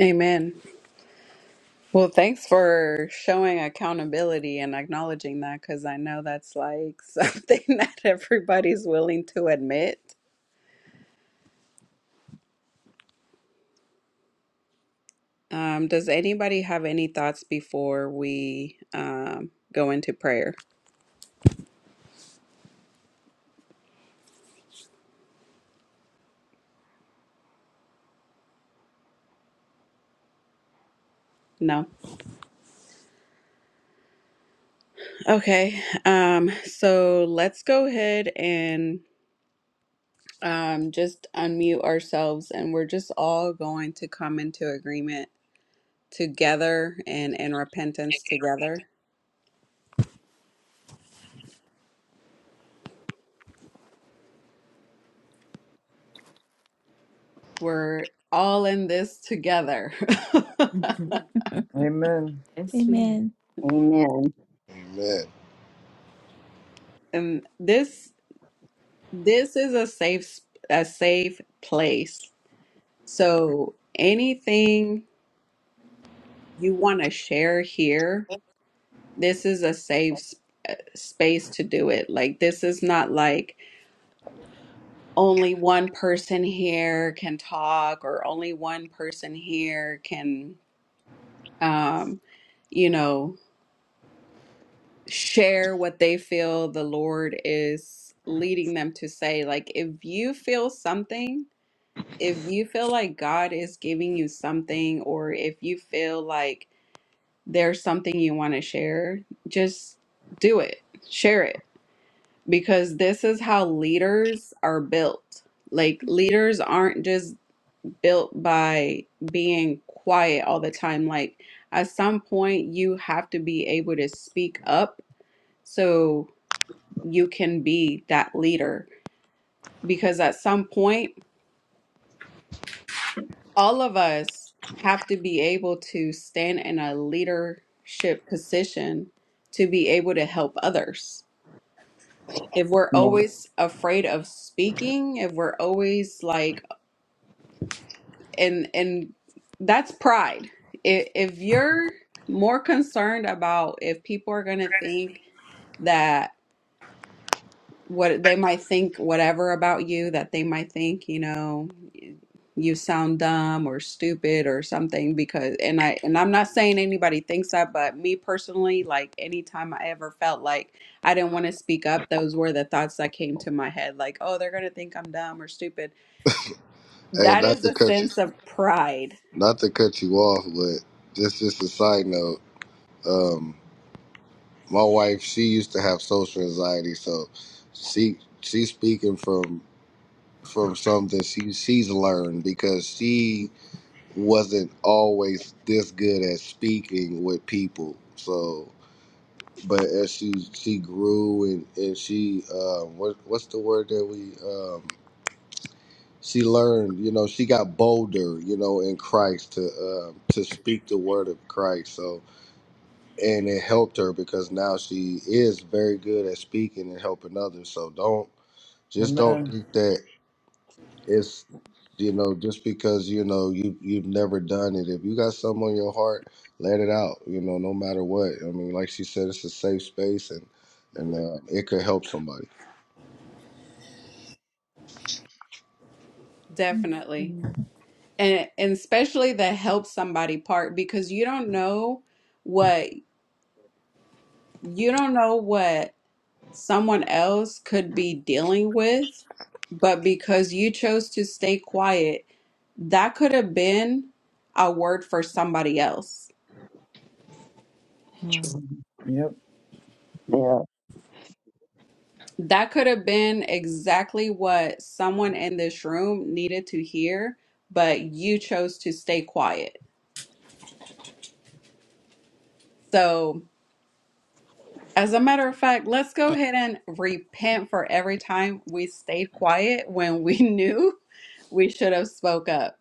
Amen. Well, thanks for showing accountability and acknowledging that because I know that's like something that everybody's willing to admit. Um, does anybody have any thoughts before we um, go into prayer? No. Okay. Um, so let's go ahead and um, just unmute ourselves, and we're just all going to come into agreement together and in repentance together. We're all in this together.
Amen.
yes, we.
Amen.
amen.
Amen.
and this this is a safe s- a safe place. So anything you want to share here, this is a safe s- uh, space to do it. Like, this is not like only one person here can talk or only one person here can, um, you know, share what they feel the Lord is leading them to say. Like, if you feel something, if you feel like God is giving you something, or if you feel like there's something you want to share, just do it. Share it because this is how leaders are built. Like leaders aren't just built by being quiet all the time. Like at some point you have to be able to speak up so you can be that leader because at some point all of us have to be able to stand in a leadership position to be able to help others if we're always afraid of speaking if we're always like and and that's pride if, if you're more concerned about if people are going to think that what they might think whatever about you that they might think you know you sound dumb or stupid or something because and I and I'm not saying anybody thinks that but me personally like anytime I ever felt like I didn't want to speak up those were the thoughts that came to my head like oh they're going to think I'm dumb or stupid
Hey,
that
not
is
to
a
cut you,
sense of pride
not to cut you off, but just just a side note. Um, my wife, she used to have social anxiety, so she she's speaking from from something she she's learned because she wasn't always this good at speaking with people. So, but as she she grew and and she um, what what's the word that we um, she learned? You know, she got bolder. You know, in Christ to um, to speak the word of Christ. So. And it helped her because now she is very good at speaking and helping others. So don't just don't
Amen.
think that. it's you know just because you know you you've never done it if you got something on your heart let it out you know no matter what i mean like she said it's a safe space and and uh, it could help somebody
definitely
Thank
and and especially the help somebody part because you don't know what you don't know what someone else could be dealing with, but because you chose to stay quiet, that could have been a word for somebody else.
Naturally.
Yep.
Yeah.
That could have been exactly what someone in this room needed to hear, but you chose to stay quiet. So, as a matter of fact, let's go
Eh,
ahead and repent for every time we stayed quiet when we knew we should have spoke up.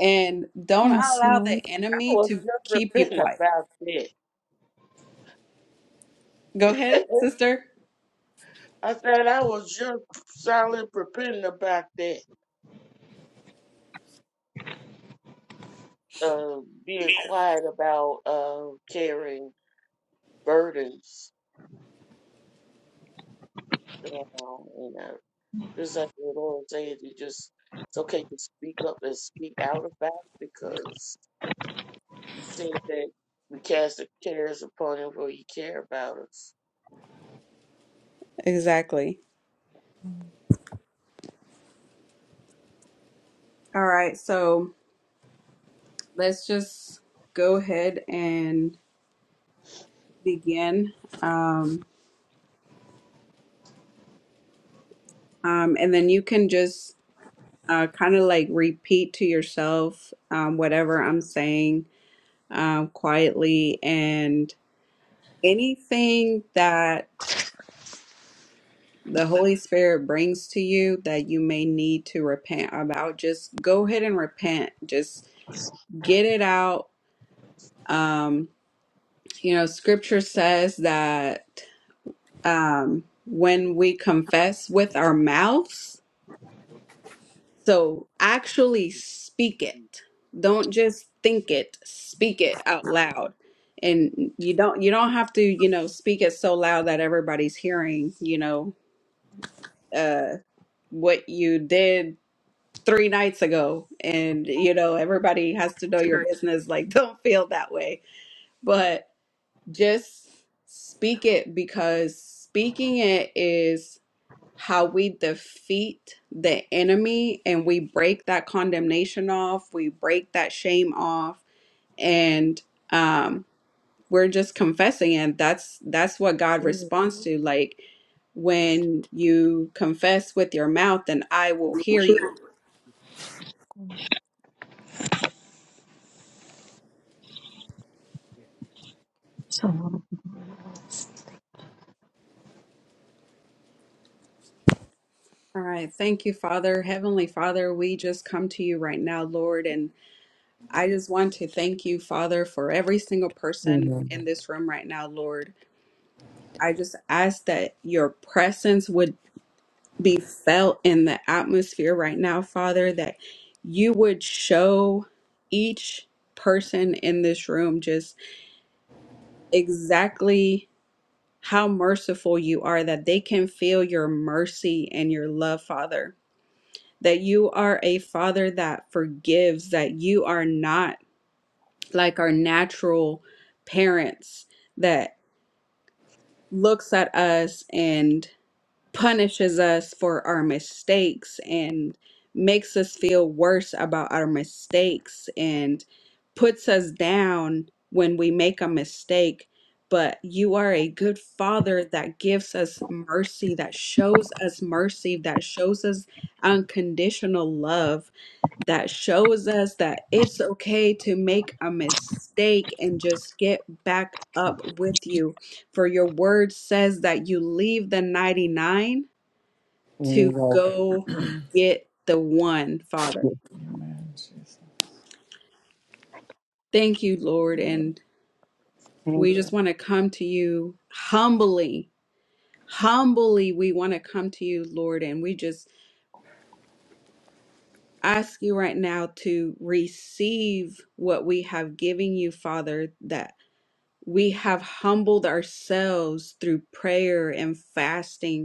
And don't
Yes,
allow the
Lord.
I
enemy
was
to
just
keep you
repenting
quiet.
about that.
Go ahead, sister.
I said I was just solid repenting about that. Uh, being quiet about uh, carrying burdens. You know, and, uh, just like the Lord said, you just it's okay to speak up and speak out about it because He said that we cast the cares upon Him, for He care about us.
Exactly. All right. So let's just go ahead and begin. Um, um, and then you can just uh, kind of like repeat to yourself um, whatever I'm saying um, quietly. And anything that the Holy Spirit brings to you that you may need to repent about, just go ahead and repent. Just get it out. Um, you know, scripture says that. um, when we confess with our mouths. So actually speak it. Don't just think it, speak it out loud. And you don't you don't have to, you know, speak it so loud that everybody's hearing, you know, uh what you did three nights ago and you know everybody has to know your business like don't feel that way but just speak it because speaking it is how we defeat the enemy and we break that condemnation off, we break that shame off, and um, we're just confessing, and that's that's what God responds to. Like when you confess with your mouth, then I will hear you.
So,
All right, thank you, Father, Heavenly Father. We just come to you right now, Lord, and I just want to thank you, Father, for every single person
amen.
in this room right now, Lord. I just ask that your presence would be felt in the atmosphere right now, Father, that you would show each person in this room just exactly how merciful you are, that they can feel your mercy and your love, Father. That you are a Father that forgives, that you are not like our natural parents that looks at us and punishes us for our mistakes and makes us feel worse about our mistakes and puts us down when we make a mistake. But you are a good father that gives us mercy, that shows us mercy, that shows us unconditional love, that shows us that it's okay to make a mistake and just get back up with you for your word says that you leave the 99
And
to
you
go get the one, Father.
Amen. Jesus.
Thank you, Lord. And
go.
we just want to come to you humbly. Humbly, we want to come to you, Lord. And we just ask you right now to receive what we have given you, Father, that we have humbled ourselves through prayer and fasting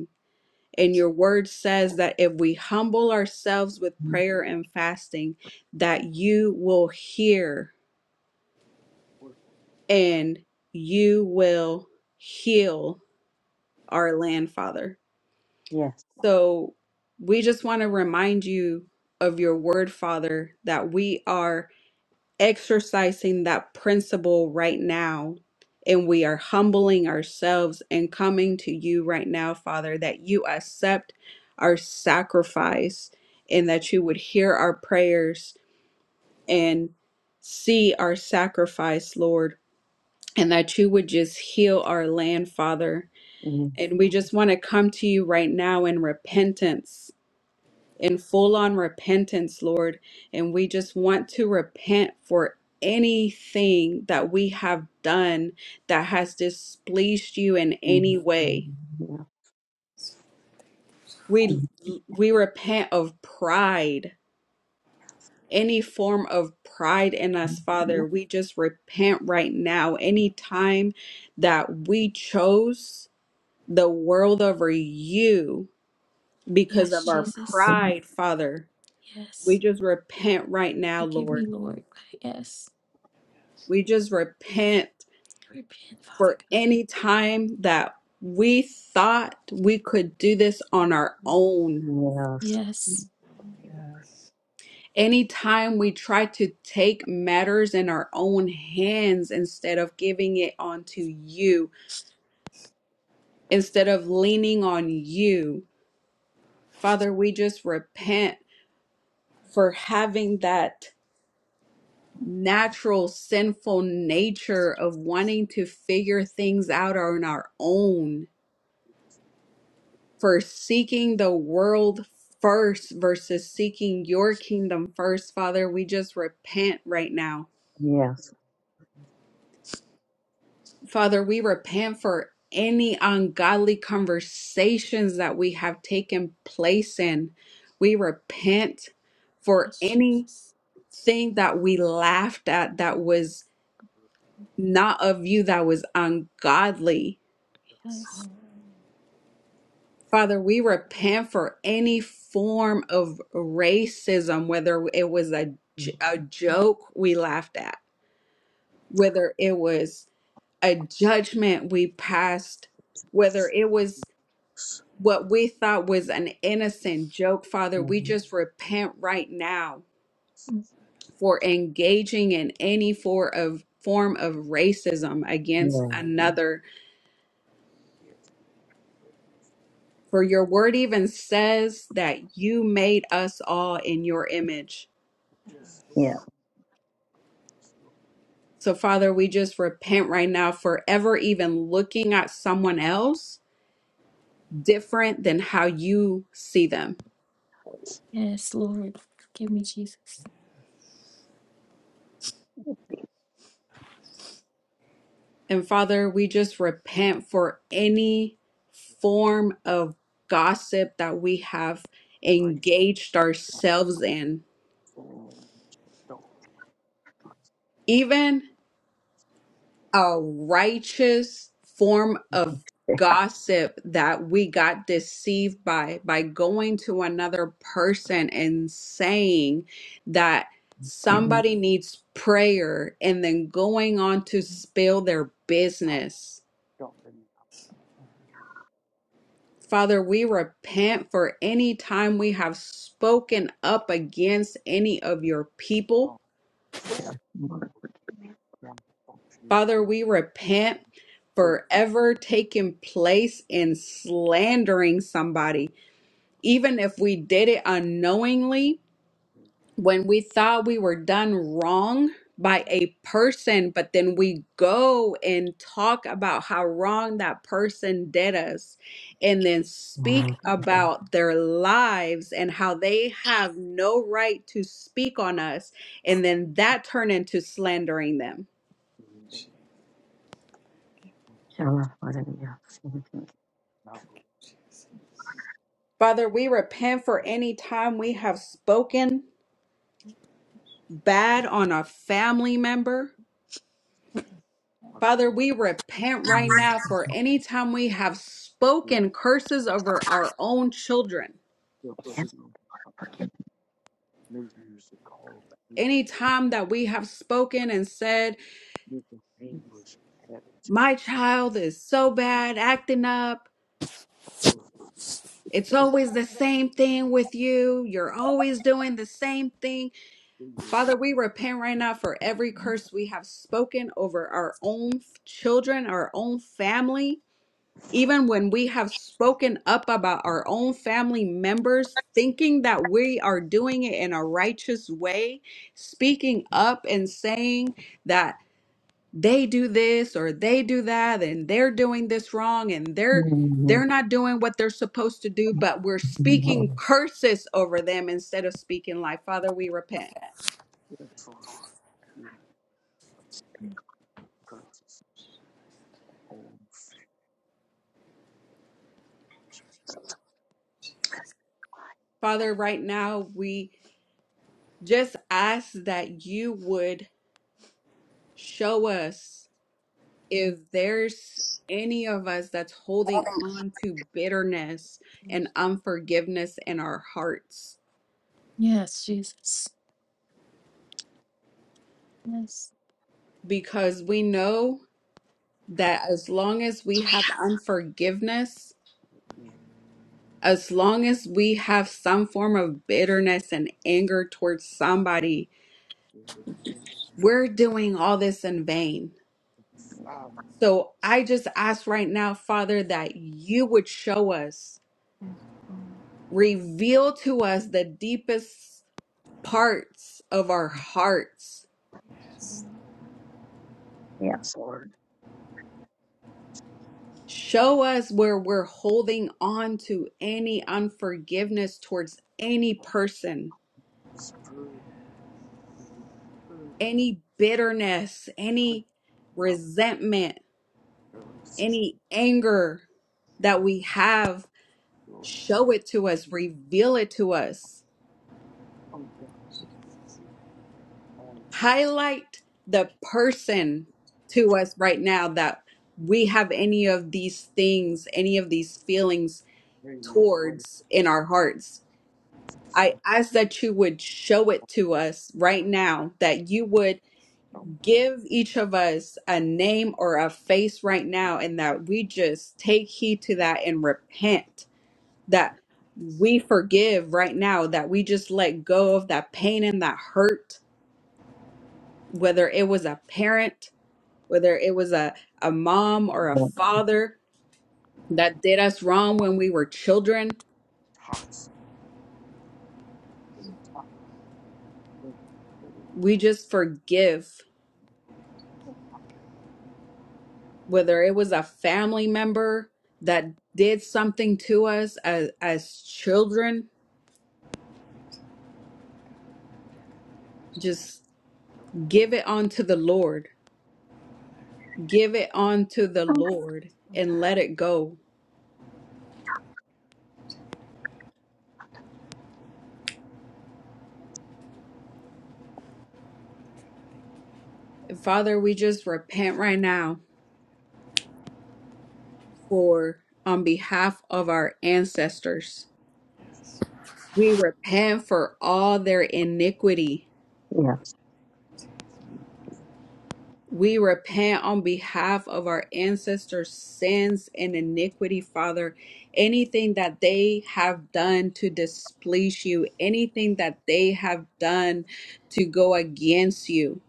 And your word says that if we humble ourselves with prayer and fasting, that you will hear and you will heal our land, Father.
Yes.
So we just want to remind you of your word, Father, that we are exercising that principle right now. And we are humbling ourselves and coming to you right now, Father, that you accept our sacrifice and that you would hear our prayers and see our sacrifice, Lord, and that you would just heal our land, Father.
Mhm,
And we just want to come to you right now in repentance in full on repentance, Lord. And we just want to repent for anything that we have done that has displeased you in
mhm,
any
mhm,
way.
yeah,
We
mhm,
we repent of pride. Any form of pride in us, Father,
mhm,
we just repent right now. Any time that we chose the world over you because
Yes,
of our
Jesus.
mhm.
pride, Father, we
Yes.
just repent right now,
Forgive me,
Lord.
Lord. Yes.
We just repent
Repent, Father
for
God.
any time that we thought we could do this on our own.
Yes.
Yes.
Yes.
Anytime we try to take matters in our own hands instead of giving it onto you, instead of leaning on you, Father, we just repent for having that natural sinful nature of wanting to figure things out on our own for seeking the world first versus seeking your kingdom first, Father. We just repent right now.
Yes.
Father, we repent for any ungodly conversations that we have taken place in. We repent for
Yes,
anything
Jesus.
that we laughed at that was not of you, that was ungodly.
So,
Yes.
Father, we repent for any form of racism, whether it was a, j- a joke we laughed at, whether it was a judgment we passed, whether it was what we thought was an innocent joke, Father, we
mhm,
just repent right now
Mm.
for engaging in any form of form of racism against
Yeah.
another. For your word even says that you made us all in your image.
Yes,
Yeah.
Yes.
So
So, Father, we just repent right now for ever even looking at someone else different than how you see them.
Yes, Lord. Forgive me, Jesus.
Yes.
And Father, we just repent for any form of gossip that we have
Praise
engaged
God, my
ourselves in.
soul. Don't
Even a righteous form of gossip that we got deceived by by going to another person and saying that
Second.
be
somebody needs prayer and then going on to spill their
topped
business.
up in the
Father, we repent for any time we have spoken up against any of your people.
God.
Yeah.
Say,
Lord,
one function,
Father,
they
we repent
did this
forever taking place in slandering somebody even if we did it unknowingly,
and
when we thought we were done wrong by a person, but then we go and talk about how wrong that person did us, and then
now
speak
is the
about their lives and how they have no right to speak on us, and then that turn into slandering them.
something they against
shower for the yes. mhm,
what Now
Father, we repent for any time
i
we have spoken bad on a family member
After
Father, we repent right
mhm,
now for
mhm,
any time we have
you
spoken curses over our own children.
feel
Yeah.
signal of news and call the
Any time that we have spoken and said,
anger, anguish, attitude,
My child is so bad acting up.
you will
It's always the same thing with you. You're always doing the same thing.
be
Father, we repent right now for every curse we have spoken over our own children, our own family. Even when we have spoken up about our own family members, thinking that we are doing it in a righteous way, speaking up and saying that they do this or they do that and they're doing this wrong and they're
mhm,
they're not doing what they're supposed to do but we're speaking
mhm,
curses over them instead of speaking life father we repent
it's force, you get curses, own
father right now we just ask that you would show us if there's any of us that's holding on to bitterness and unforgiveness in our hearts,
Yes, Jesus. Yes.
because we know that as long as we have unforgiveness,
family,
as long as we have some form of bitterness and anger towards somebody,
and
we're doing all this in vain.
father,
So I just ask right now, Father, that you would show us, reveal to us the deepest parts of our hearts.
Yes, Lord.
Show us where we're holding on to any
the
unforgiveness towards any
people,
person,
this purge, the purge.
any bitterness, any
Not
resentment,
really
any anger that we have. Show it to us, reveal it to us. Highlight the person to us right now that we have any of these things, any of these feelings towards in our hearts I ask that you would show it to us right now, that you would give each of us a name or a face right now, and that we just take heed to
the
that and repent, that we forgive right now, that we just let go of that pain and that hurt, whether it was a parent, whether it was a, a mom or a
Yeah.
father that did us wrong when we were children.
toxic the
We just forgive whether it was a family member that did something to us as, as children, just give it onto the Lord. Give it onto the Lord and let it go. And Father, we just repent right now for on behalf of our ancestors. We repent for all their iniquity
Yes.
We repent on behalf of our ancestors' sins and iniquity, Father. Anything that they have done to displease you, anything that they have done to go against you,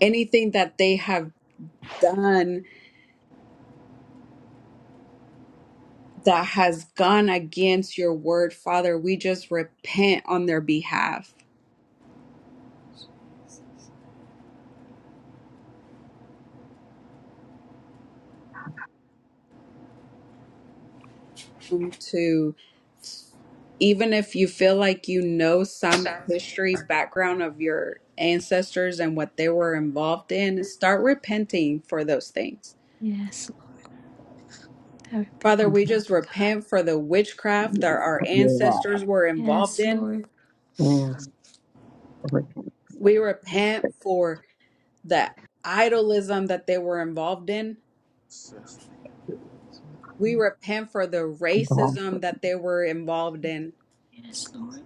anything that they have done that has gone against your word, Father, we just repent on their behalf even if you feel like you know some history background of your ancestors and what they were involved in, start repenting for those things.
Yes. Lord. I
Father,
repent,
we just
Father God.
repent for the witchcraft that our
Yeah.
ancestors were involved
Yes,
in.
Lord.
Yes. Lord,
We repent for the idolism that they were involved in. We repent for the
yes,
racism that they were involved in,
Yes, Lord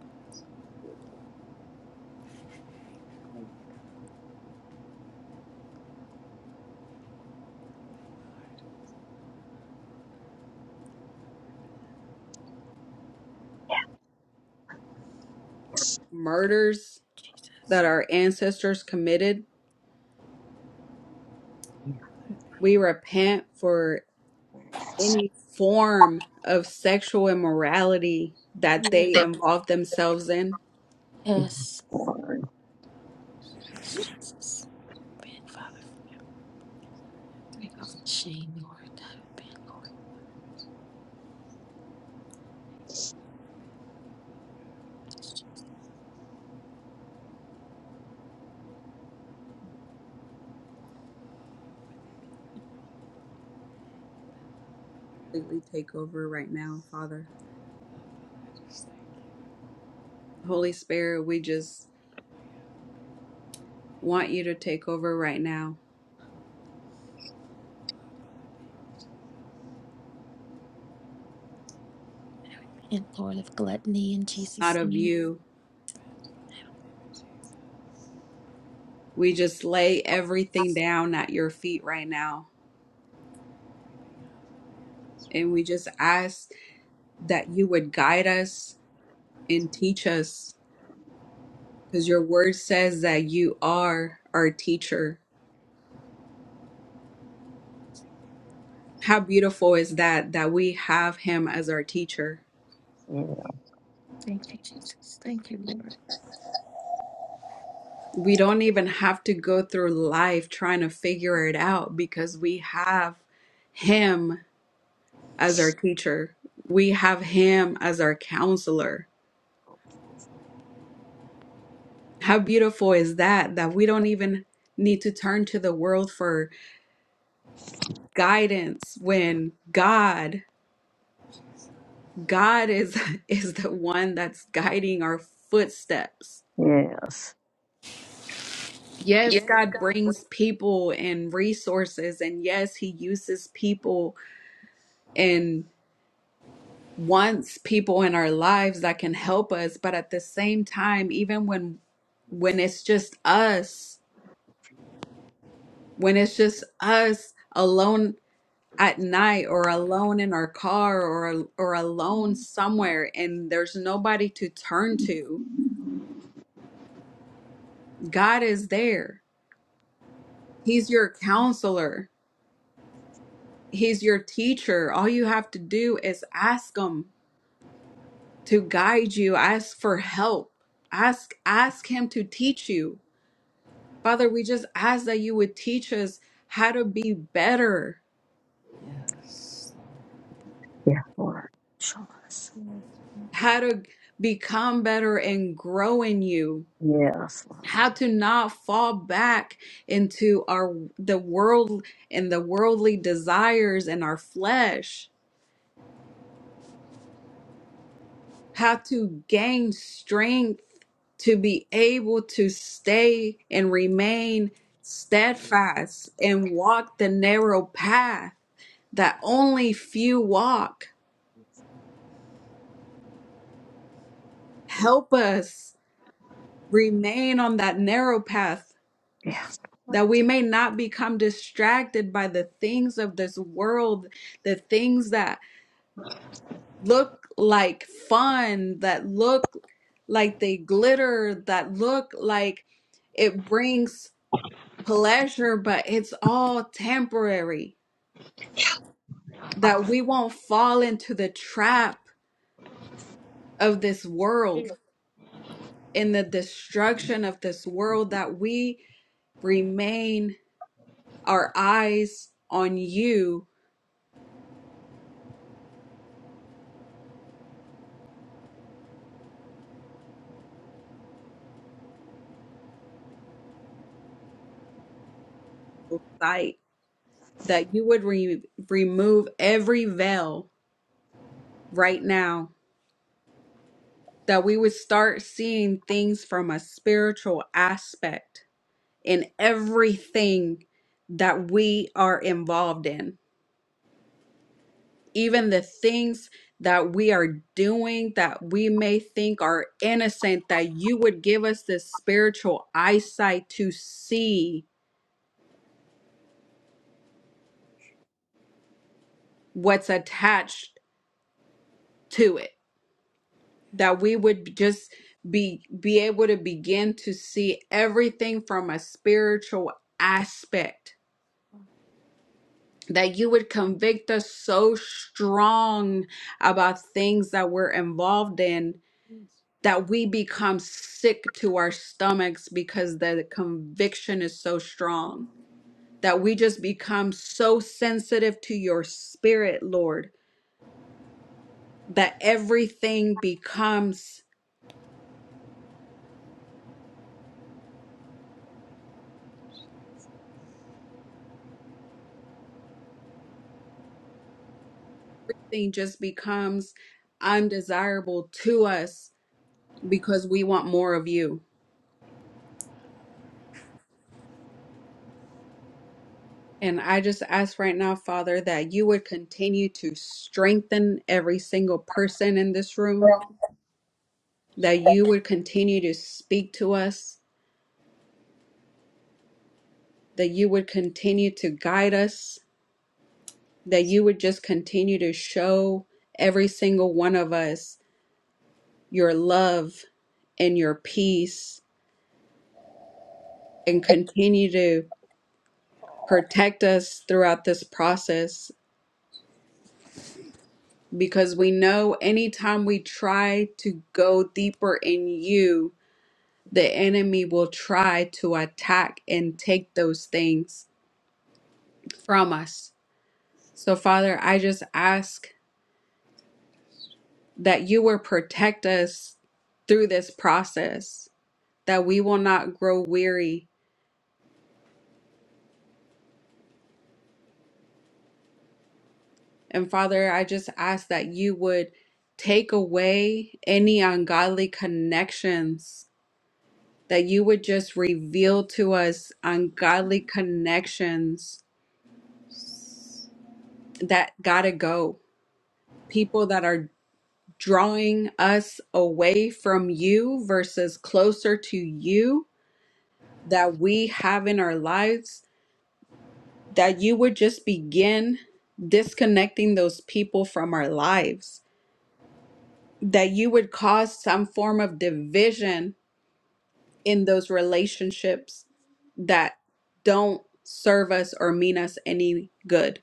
murders
Jesus.
that our ancestors committed.
Yeah.
We repent for any form of sexual immorality that they
Yes.
involve themselves in.
Yes. Yes, Jesus. Bend, Father, for break off the shame, Lord. Bend, Lord.
Completely take over right now, Father. Holy Spirit, we just want you to take over right now.
Bend, Lord, of gluttony in Jesus'
Out of
name.
you. We just lay everything down at your feet right now. And we just ask that you would guide us and teach us because your word says that you are our teacher. How beautiful is that that we have him as our teacher.
Thank you, Jesus. Thank you, Lord.
We don't even have to go through life trying to figure it out because we have him as our teacher. We have him as our counselor. How beautiful is that that we don't even need to turn to the world for guidance when God God is is the one that's guiding our footsteps.
Yes.
Yes, God brings people and resources, and yes, He uses people and wants people in our lives that can help us. But at the same time, even when
the
when it's just us,
fear
when it's just us alone at night or alone in our car or or alone somewhere and there's nobody to turn to, God is there. He's your counselor. He's your teacher. All you have to do is ask him to guide you. Ask for help. Ask ask him to teach you. Father, we just ask that you would teach us how to be better,
Yes.
Yes, Lord. Show us.
how to become better and grow in you,
Yes, Lord.
how to not fall back into our the world and the worldly desires and our flesh how to gain strength to be able to stay and remain steadfast and walk the narrow path that only few walk. Help us remain on that narrow path.
Yes, Lord.
That we may not become distracted by the things of this world, the things that look like fun, that look like they glitter, that look like it brings pleasure, but it's all temporary. That we won't fall into the trap of this world, in the destruction of this world, that we remain our eyes on you, O sight, that you would re- remove every veil right now, that we would start seeing things from a spiritual aspect in everything that we are involved in even the things that we are doing that we may think are innocent, that you would give us this spiritual eyesight to see what's attached to it, that we would just be be able to begin to see everything from a spiritual aspect that you would convict us so strong about things that we're involved in that we become sick to our stomachs because the conviction is so strong, that we just become so sensitive to your spirit, Lord, that everything becomes, thing just becomes undesirable to us because we want more of you. And I just ask right now, Father, that you would continue to strengthen every single person in this room, that you would continue to speak to us that you would continue to guide us, that you would just continue to show every single one of us your love and your peace and continue to protect us throughout this process because we know anytime we try to go deeper in you, the enemy will try to attack and take those things from us. So, Father, I just ask that you will protect us through this process, that we will not grow weary. And Father, I just ask that you would take away any ungodly connections, that you would just reveal to us ungodly connections that gotta go, people that are drawing us away from you versus closer to you that we have in our lives that you would just begin disconnecting those people from our lives, that you would cause some form of division in those relationships that don't serve us or mean us any good.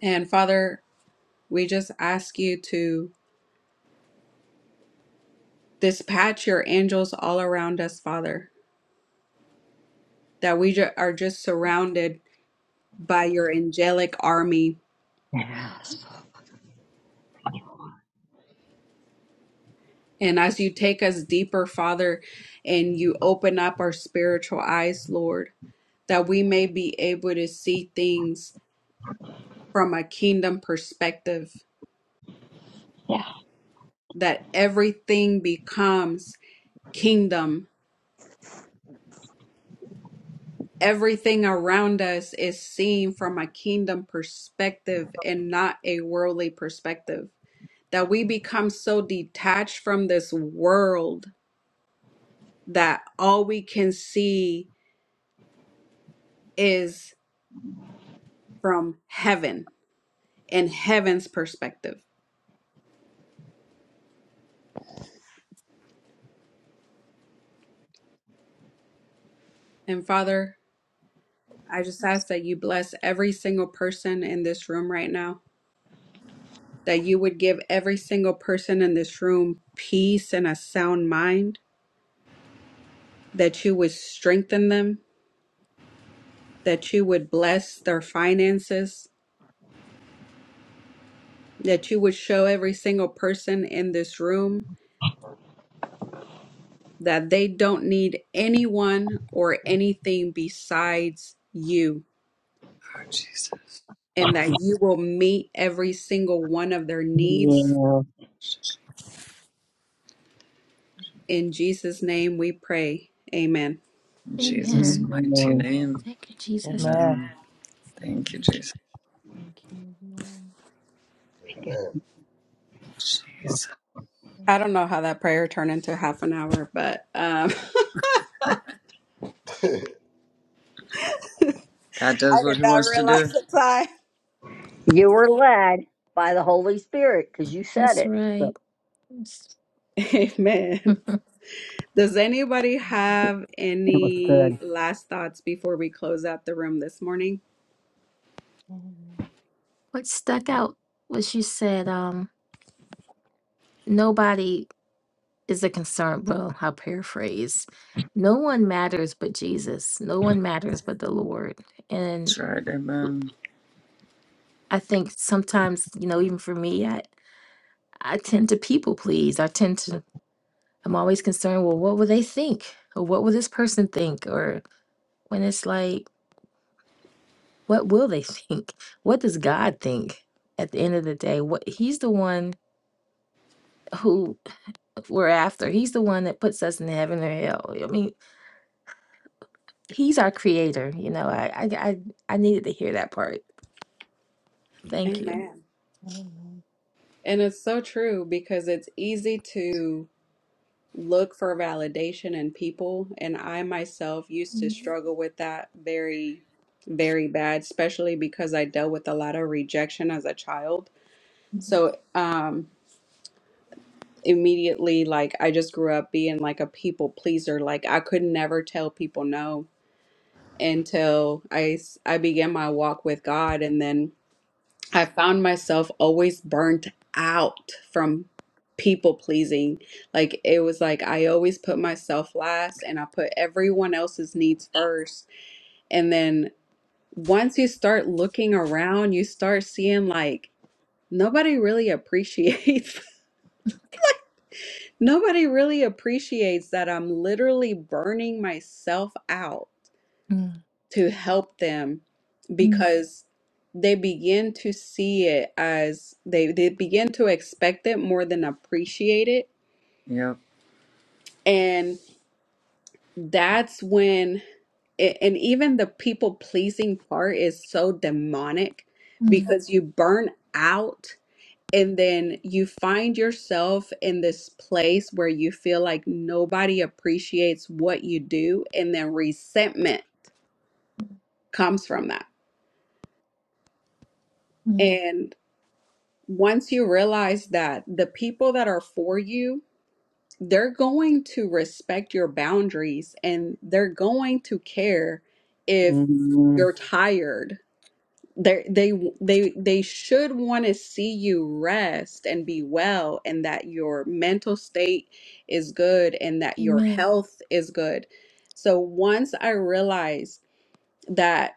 And Father, we just ask you to dispatch your angels all around us, Father, that we ju- are just surrounded by your angelic army
Yes.
And as you take us deeper, Father, and you open up our spiritual eyes, Lord, that we may be able to see things from a kingdom perspective, that everything becomes kingdom. Everything around us is seen from a kingdom perspective and not a worldly perspective. That we become so detached from this world that all we can see is from heaven in heaven's perspective. And Father, I just ask that you bless every single person in this room right now, that you would give every single person in this room peace and a sound mind, that you would strengthen them, that you would bless their finances, that you would show every single person in this room that they don't need anyone or anything besides you,
Lord Jesus.
and that you will meet every single one of their needs
Yeah.
In Jesus' name we pray. Amen.
In Jesus'
Amen.
mighty
Mhm.
name.
Thank you, Jesus.
Amen.
Amen. Thank you, Jesus.
you, Lord.
Jesus.
I don't know how that prayer turned into half an hour, but um,
God
I
does what
did
he
not
wants to do.
realize the time.
You were led by the Holy Spirit because you said
That's
it. So
right. Yes.
Amen. Does anybody have
it was
any
good.
last thoughts before we close out the room this morning?
what stuck out was you said, um, nobody is a concern. Well, I'll paraphrase. No one matters but Jesus. No one matters but the Lord.
That's right. Amen.
I think sometimes, you know, even for me, I, I tend to people please. I tend to, I'm always concerned, well, what will they think? Or what will this person think? Or when it's like, what will they think? What does God think at the end of the day? What He's the one who we're after. He's the one that puts us in heaven or hell. I mean, He's our creator. You know, I, I, I, I needed to hear that part. Thank you.
Amen. And it's so true because it's easy to look for validation in people. And I myself used to
Mm,
struggle with that very, very bad, especially because I dealt with a lot of rejection as a child So um immediately like I just grew up being like a people pleaser. Like I could never tell people no until I s- I began my walk with God and then I found myself always burnt out from people pleasing. Like it was like I always put myself last and I put everyone else's needs first. And then once you start looking around, you start seeing like nobody really appreciates Nobody really appreciates that I'm literally burning myself out
mm,
to help them
mm,
because they begin to see it as they, they begin to expect it more than appreciate it.
Yep.
And that's when, a- and even the people pleasing part is so demonic
mm,
because you burn out and then you find yourself in this place where you feel like nobody appreciates what you do, and then resentment comes from that.
mm.
And once you realize that the people that are for you, they're going to respect your boundaries and they're going to care if
Mhm.
you're tired they they they they should want to see you rest and be well and that your mental state is good and that your
Amen.
health is good so once i realized that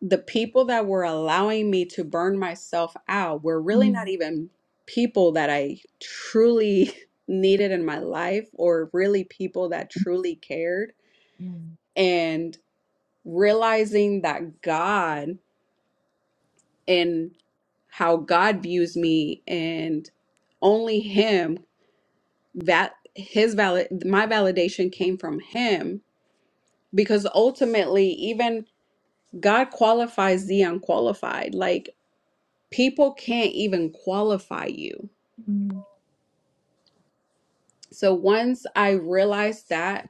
the people that were allowing me to burn myself out were really not
Mm,
even people that i truly needed in my life or really people that truly cared
mm,
and realizing that god and how God views me and only him that his valid my validation came from him because ultimately even God qualifies the unqualified like people can't even qualify you
mm.
so once I realized that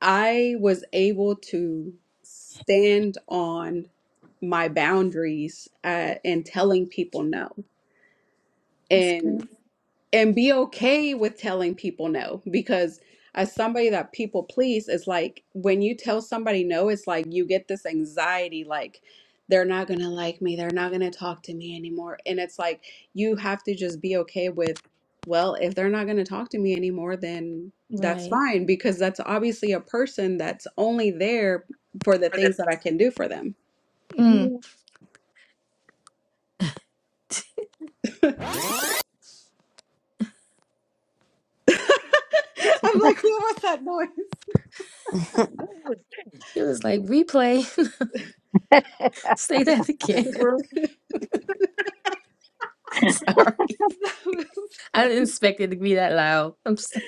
I was able to stand on my boundaries uh, and telling people no
That's
And
good.
and be okay with telling people no because as somebody that people please it's like when you tell somebody no it's like you get this anxiety like they're not going to like me they're not going to talk to me anymore and it's like you have to just be okay with well if they're not going to talk to me anymore then that's
Right.
fine because that's obviously a person that's only there for the things that I can do for them
Mm.
Yeah.
I'm like what was that noise
It was like replay. Say that again. Sorry.
that
I
was
didn't expect it to be that loud. I'm so-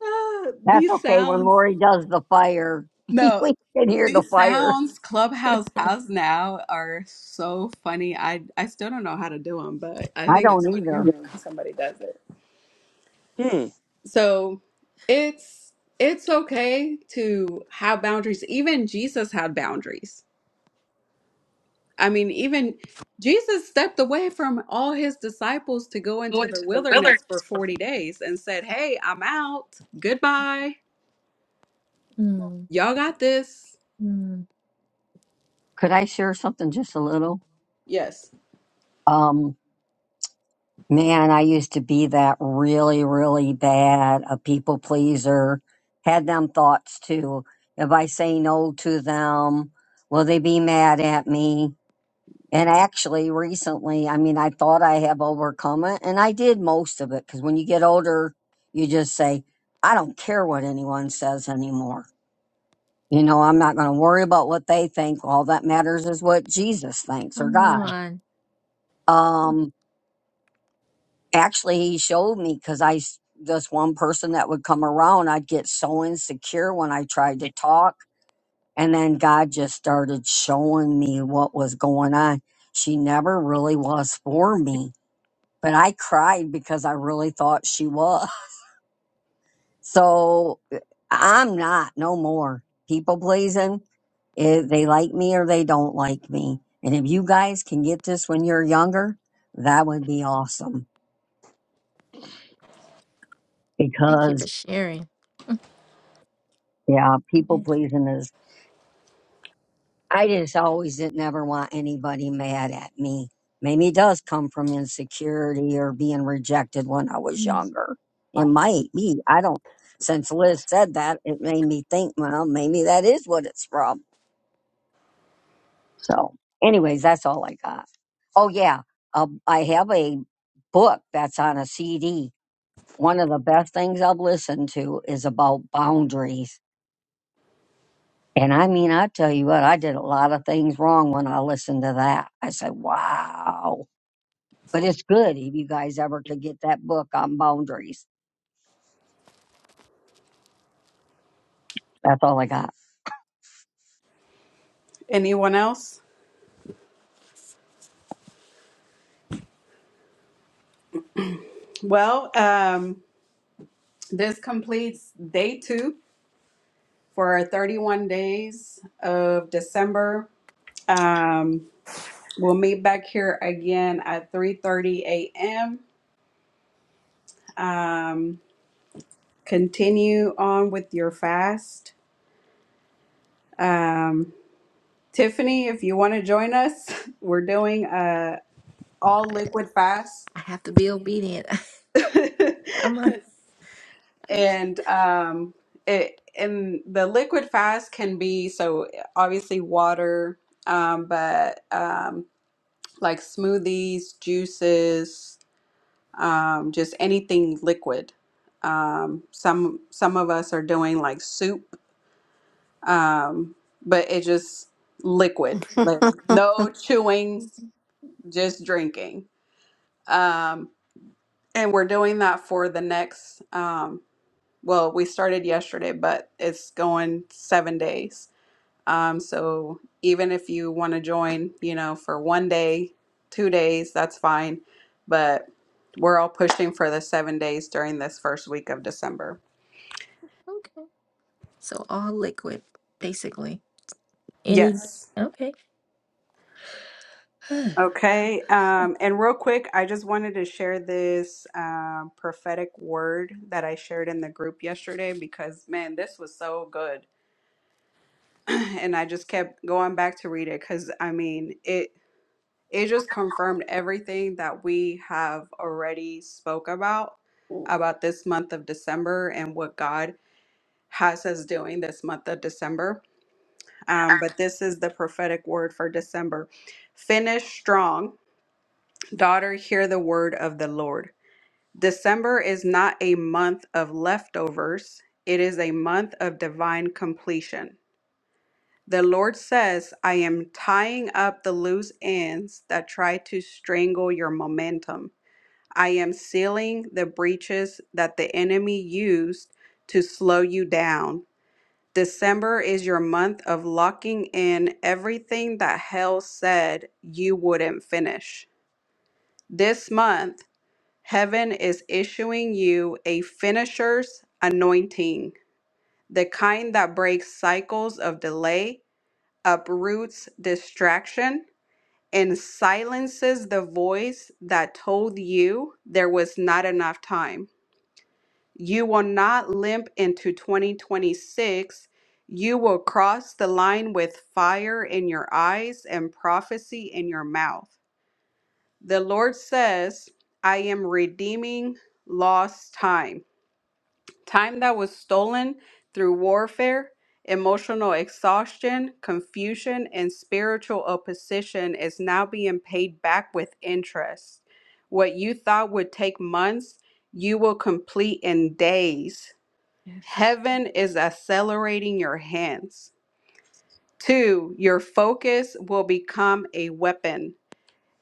Ah,
That's
these
okay when
sounds
Lori does the fire.
No,
we can hear the
these
fire.
sounds Clubhouse has now are so funny. I I still don't know how to do them, but I
I
think it's
don't
every
either.
time somebody does it. So it's it's okay to have boundaries. Even Jesus had boundaries. I mean, even Jesus stepped away from all his disciples to go into
Going
the
to the
wilderness for
wilderness. for
40
me.
days and said, "Hey, I'm out. Goodbye.
mm.
Y'all got this."
Mm.
Could I share something just a little?
Yes.
Um, Man, I used to be that really, really bad, a people pleaser. Had them thoughts too. If I say no to them, will they be mad at me? And actually, recently, I mean, I thought I have overcome it, and I did most of it because when you get older, you just say, I don't care what anyone says anymore. You know, I'm not going to worry about what they think. All that matters is what Jesus thinks or
Come
God.
on.
Um. actually he showed me because i s- this one person that would come around i'd get so insecure when i tried to talk and then god just started showing me what was going on she never really was for me but i cried because i really thought she was so uh, i'm not no more people pleasing if they like me or they don't like me and if you guys can get this when you're younger that would be awesome
Thank you
because.
for sharing.
Yeah, people
Yes.
pleasing is. I just always did never want anybody mad at me. Maybe it does come from insecurity or being rejected when I was
Mm.
younger. It might be. I don't. Since Liz said that, it made me think. Well, maybe that is what it's from. So, anyways, that's all I got. Oh yeah, uh, I have a book that's on a CD. One of the best things I've listened to is about boundaries And I mean, I tell you what, I did a lot of things wrong when I listened to that. I said, wow. But it's good if you guys ever could get that book on boundaries. That's all I got.
Anyone else? Well, um This completes day two for 31 days of December. Um, we'll meet back here again at 3:30 a.m. Um, continue on with your fast. Um, Tiffany, if you want to join us, we're doing a all liquid fast,
I have to be obedient. I'm a, I just-
and um, it and the liquid fast can be so obviously water um, but um, like smoothies, juices, um, just anything liquid. Um, some some of us are doing like soup, um, but it just liquid, like no chewing, just drinking. Um, and we're doing that for the next. Um, well, we started yesterday, but it's going seven days. Um, so even if you want to join, you know, for one day, two days, that's fine. But we're all pushing for the seven days during this first week of December.
okay. So all liquid, basically. Any
Yes.
okay.
Okay. Um, and real quick, I just wanted to share this um, prophetic word that I shared in the group yesterday because, man, this was so good. and I just kept going back to read it because, I mean, it it just confirmed everything that we have already spoke about about this month of december and what god has us doing this month of december um, but this is the prophetic word for december finish strong daughter hear the word of the lord december is not a month of leftovers it is a month of divine completion the Lord says, I am tying up the loose ends that try to strangle your momentum. I am sealing the breaches that the enemy used to slow you down. December is your month of locking in everything that hell said you wouldn't finish. This month, heaven is issuing you a finisher's anointing, the kind that breaks cycles of delay, uproots distraction, and silences the voice that told you there was not enough time. You will not limp into 2026. You will cross the line with fire in your eyes and prophecy in your mouth. The Lord says, I am redeeming lost time, time that was stolen through warfare. Emotional exhaustion, confusion, and spiritual opposition is now being paid back with interest. What you thought would take months, you will complete in days.
Yes. Yes.
Heaven is accelerating your hands. Two, your focus will become a weapon.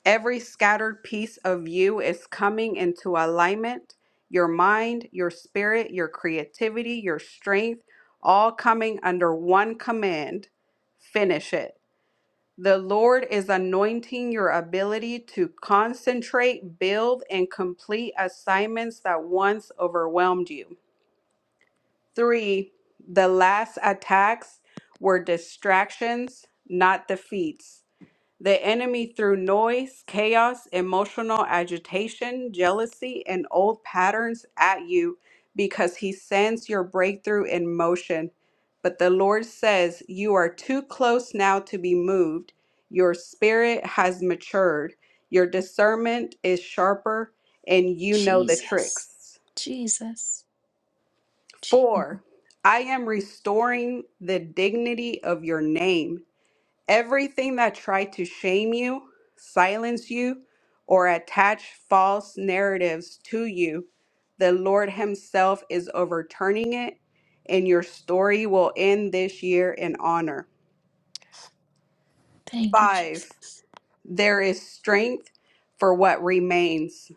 Every scattered piece of you is coming into alignment. Your mind, your spirit, your creativity, your strength, all coming under one command finish it. The Lord is anointing your ability to concentrate, build, and complete assignments that once overwhelmed you. Three, the last attacks were distractions, not defeats. The enemy through noise, chaos, emotional agitation, jealousy, and old patterns at you because he sends your breakthrough in motion. But the Lord says, You are too close now to be moved. Your spirit has matured. Your discernment is sharper, and you know the
Jesus.
tricks.
Jesus. Gee.
Four, I am restoring the dignity of your name. Everything that tried to shame you, silence you, or attach false narratives to you, the Lord Himself is overturning it, and your story will end this year in honor.
Thank you,
Five,
Jesus.
there is strength for what remains.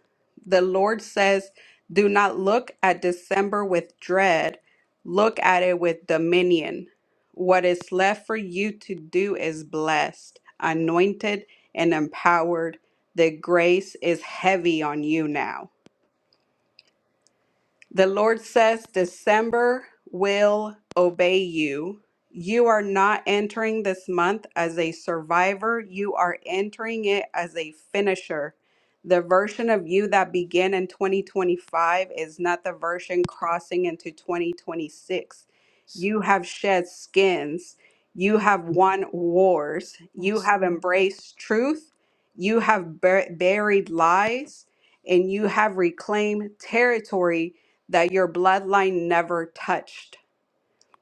The Lord says, Do not look at December with dread, look at it with dominion. What is left for you to do is blessed, anointed, and empowered. The grace is heavy on you now. The Lord says, December will obey you. You are not entering this month as a survivor, you are entering it as a finisher. The version of you that began in 2025 is not the version crossing into 2026. You have shed skins. You have won wars. You
Yes.
have embraced truth. You have bur- buried lies. And you have reclaimed territory that your bloodline never touched.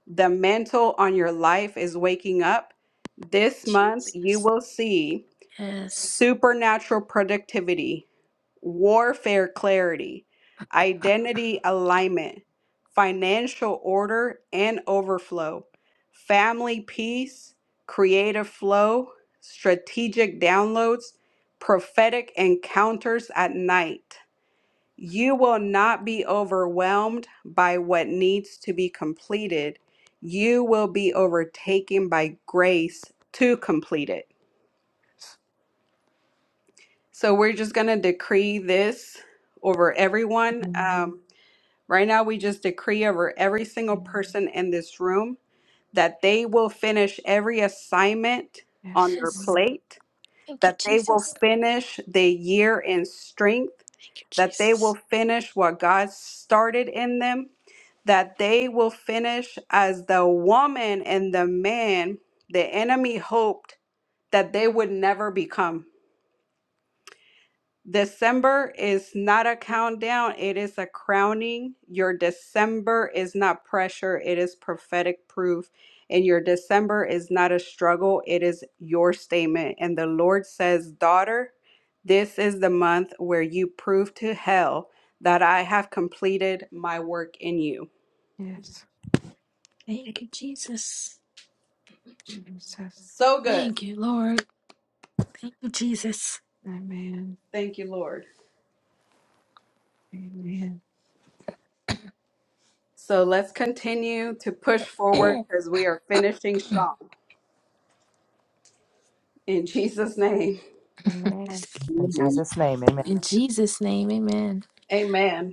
The mantle on your life is waking up. This month, you
Jesus.
will see
Yes.
supernatural productivity, warfare clarity, identity alignment, financial order and overflow, family peace, creative flow, strategic downloads, prophetic encounters at night. You will not be overwhelmed by what needs to be completed. You will be overtaken by grace to complete it. So we're just going to decree this over everyone. Um, right now, we just decree over every single person in this room that they will finish every assignment on
Yes.
their
Yes.
Lord.
plate
Thank you,
that they will
Jesus.
finish the year in strength,
Thank you,
that they will
Jesus.
finish what God started in them, that they will finish as the woman and the man the enemy hoped that they would never become. December is not a countdown, it is a crowning. Your December is not pressure, it is prophetic proof. And your December is not a struggle, it is your statement. And the Lord says, Daughter, this is the month where you prove to hell that I have completed my work in you.
Yes.
Thank you, Jesus.
Jesus.
So good.
Thank you, Lord. Thank you, Jesus.
Amen.
Thank you, Lord.
Amen.
So let's continue to push forward
In
because we are finishing strong. In Jesus' name,
Amen.
In
Amen.
Jesus' name, amen.
Jesus' name, amen.
amen.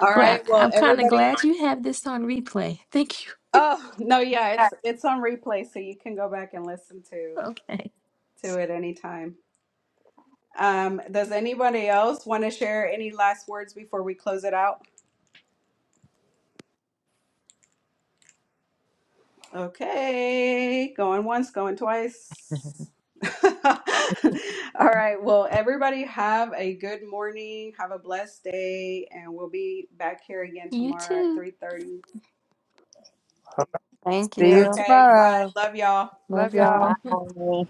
I'm
All
glad.
right. Well,
I'm kind of
everybody.
glad you have this on replay. Thank you.
Oh no, yeah, it's it's on replay, so you can go back and listen to
Okay.
to it anytime. Um, does anybody else want to share any last words before we close it out? Okay, going once, going twice. All right. Well, everybody have a good morning. Have a blessed day, and we'll be back here again
You
tomorrow at
too.
three thirty.
Thank
See you
you.
Okay. Bye.
tomorrow.
Love y'all.
Love
Love
y'all.
y'all.
Bye.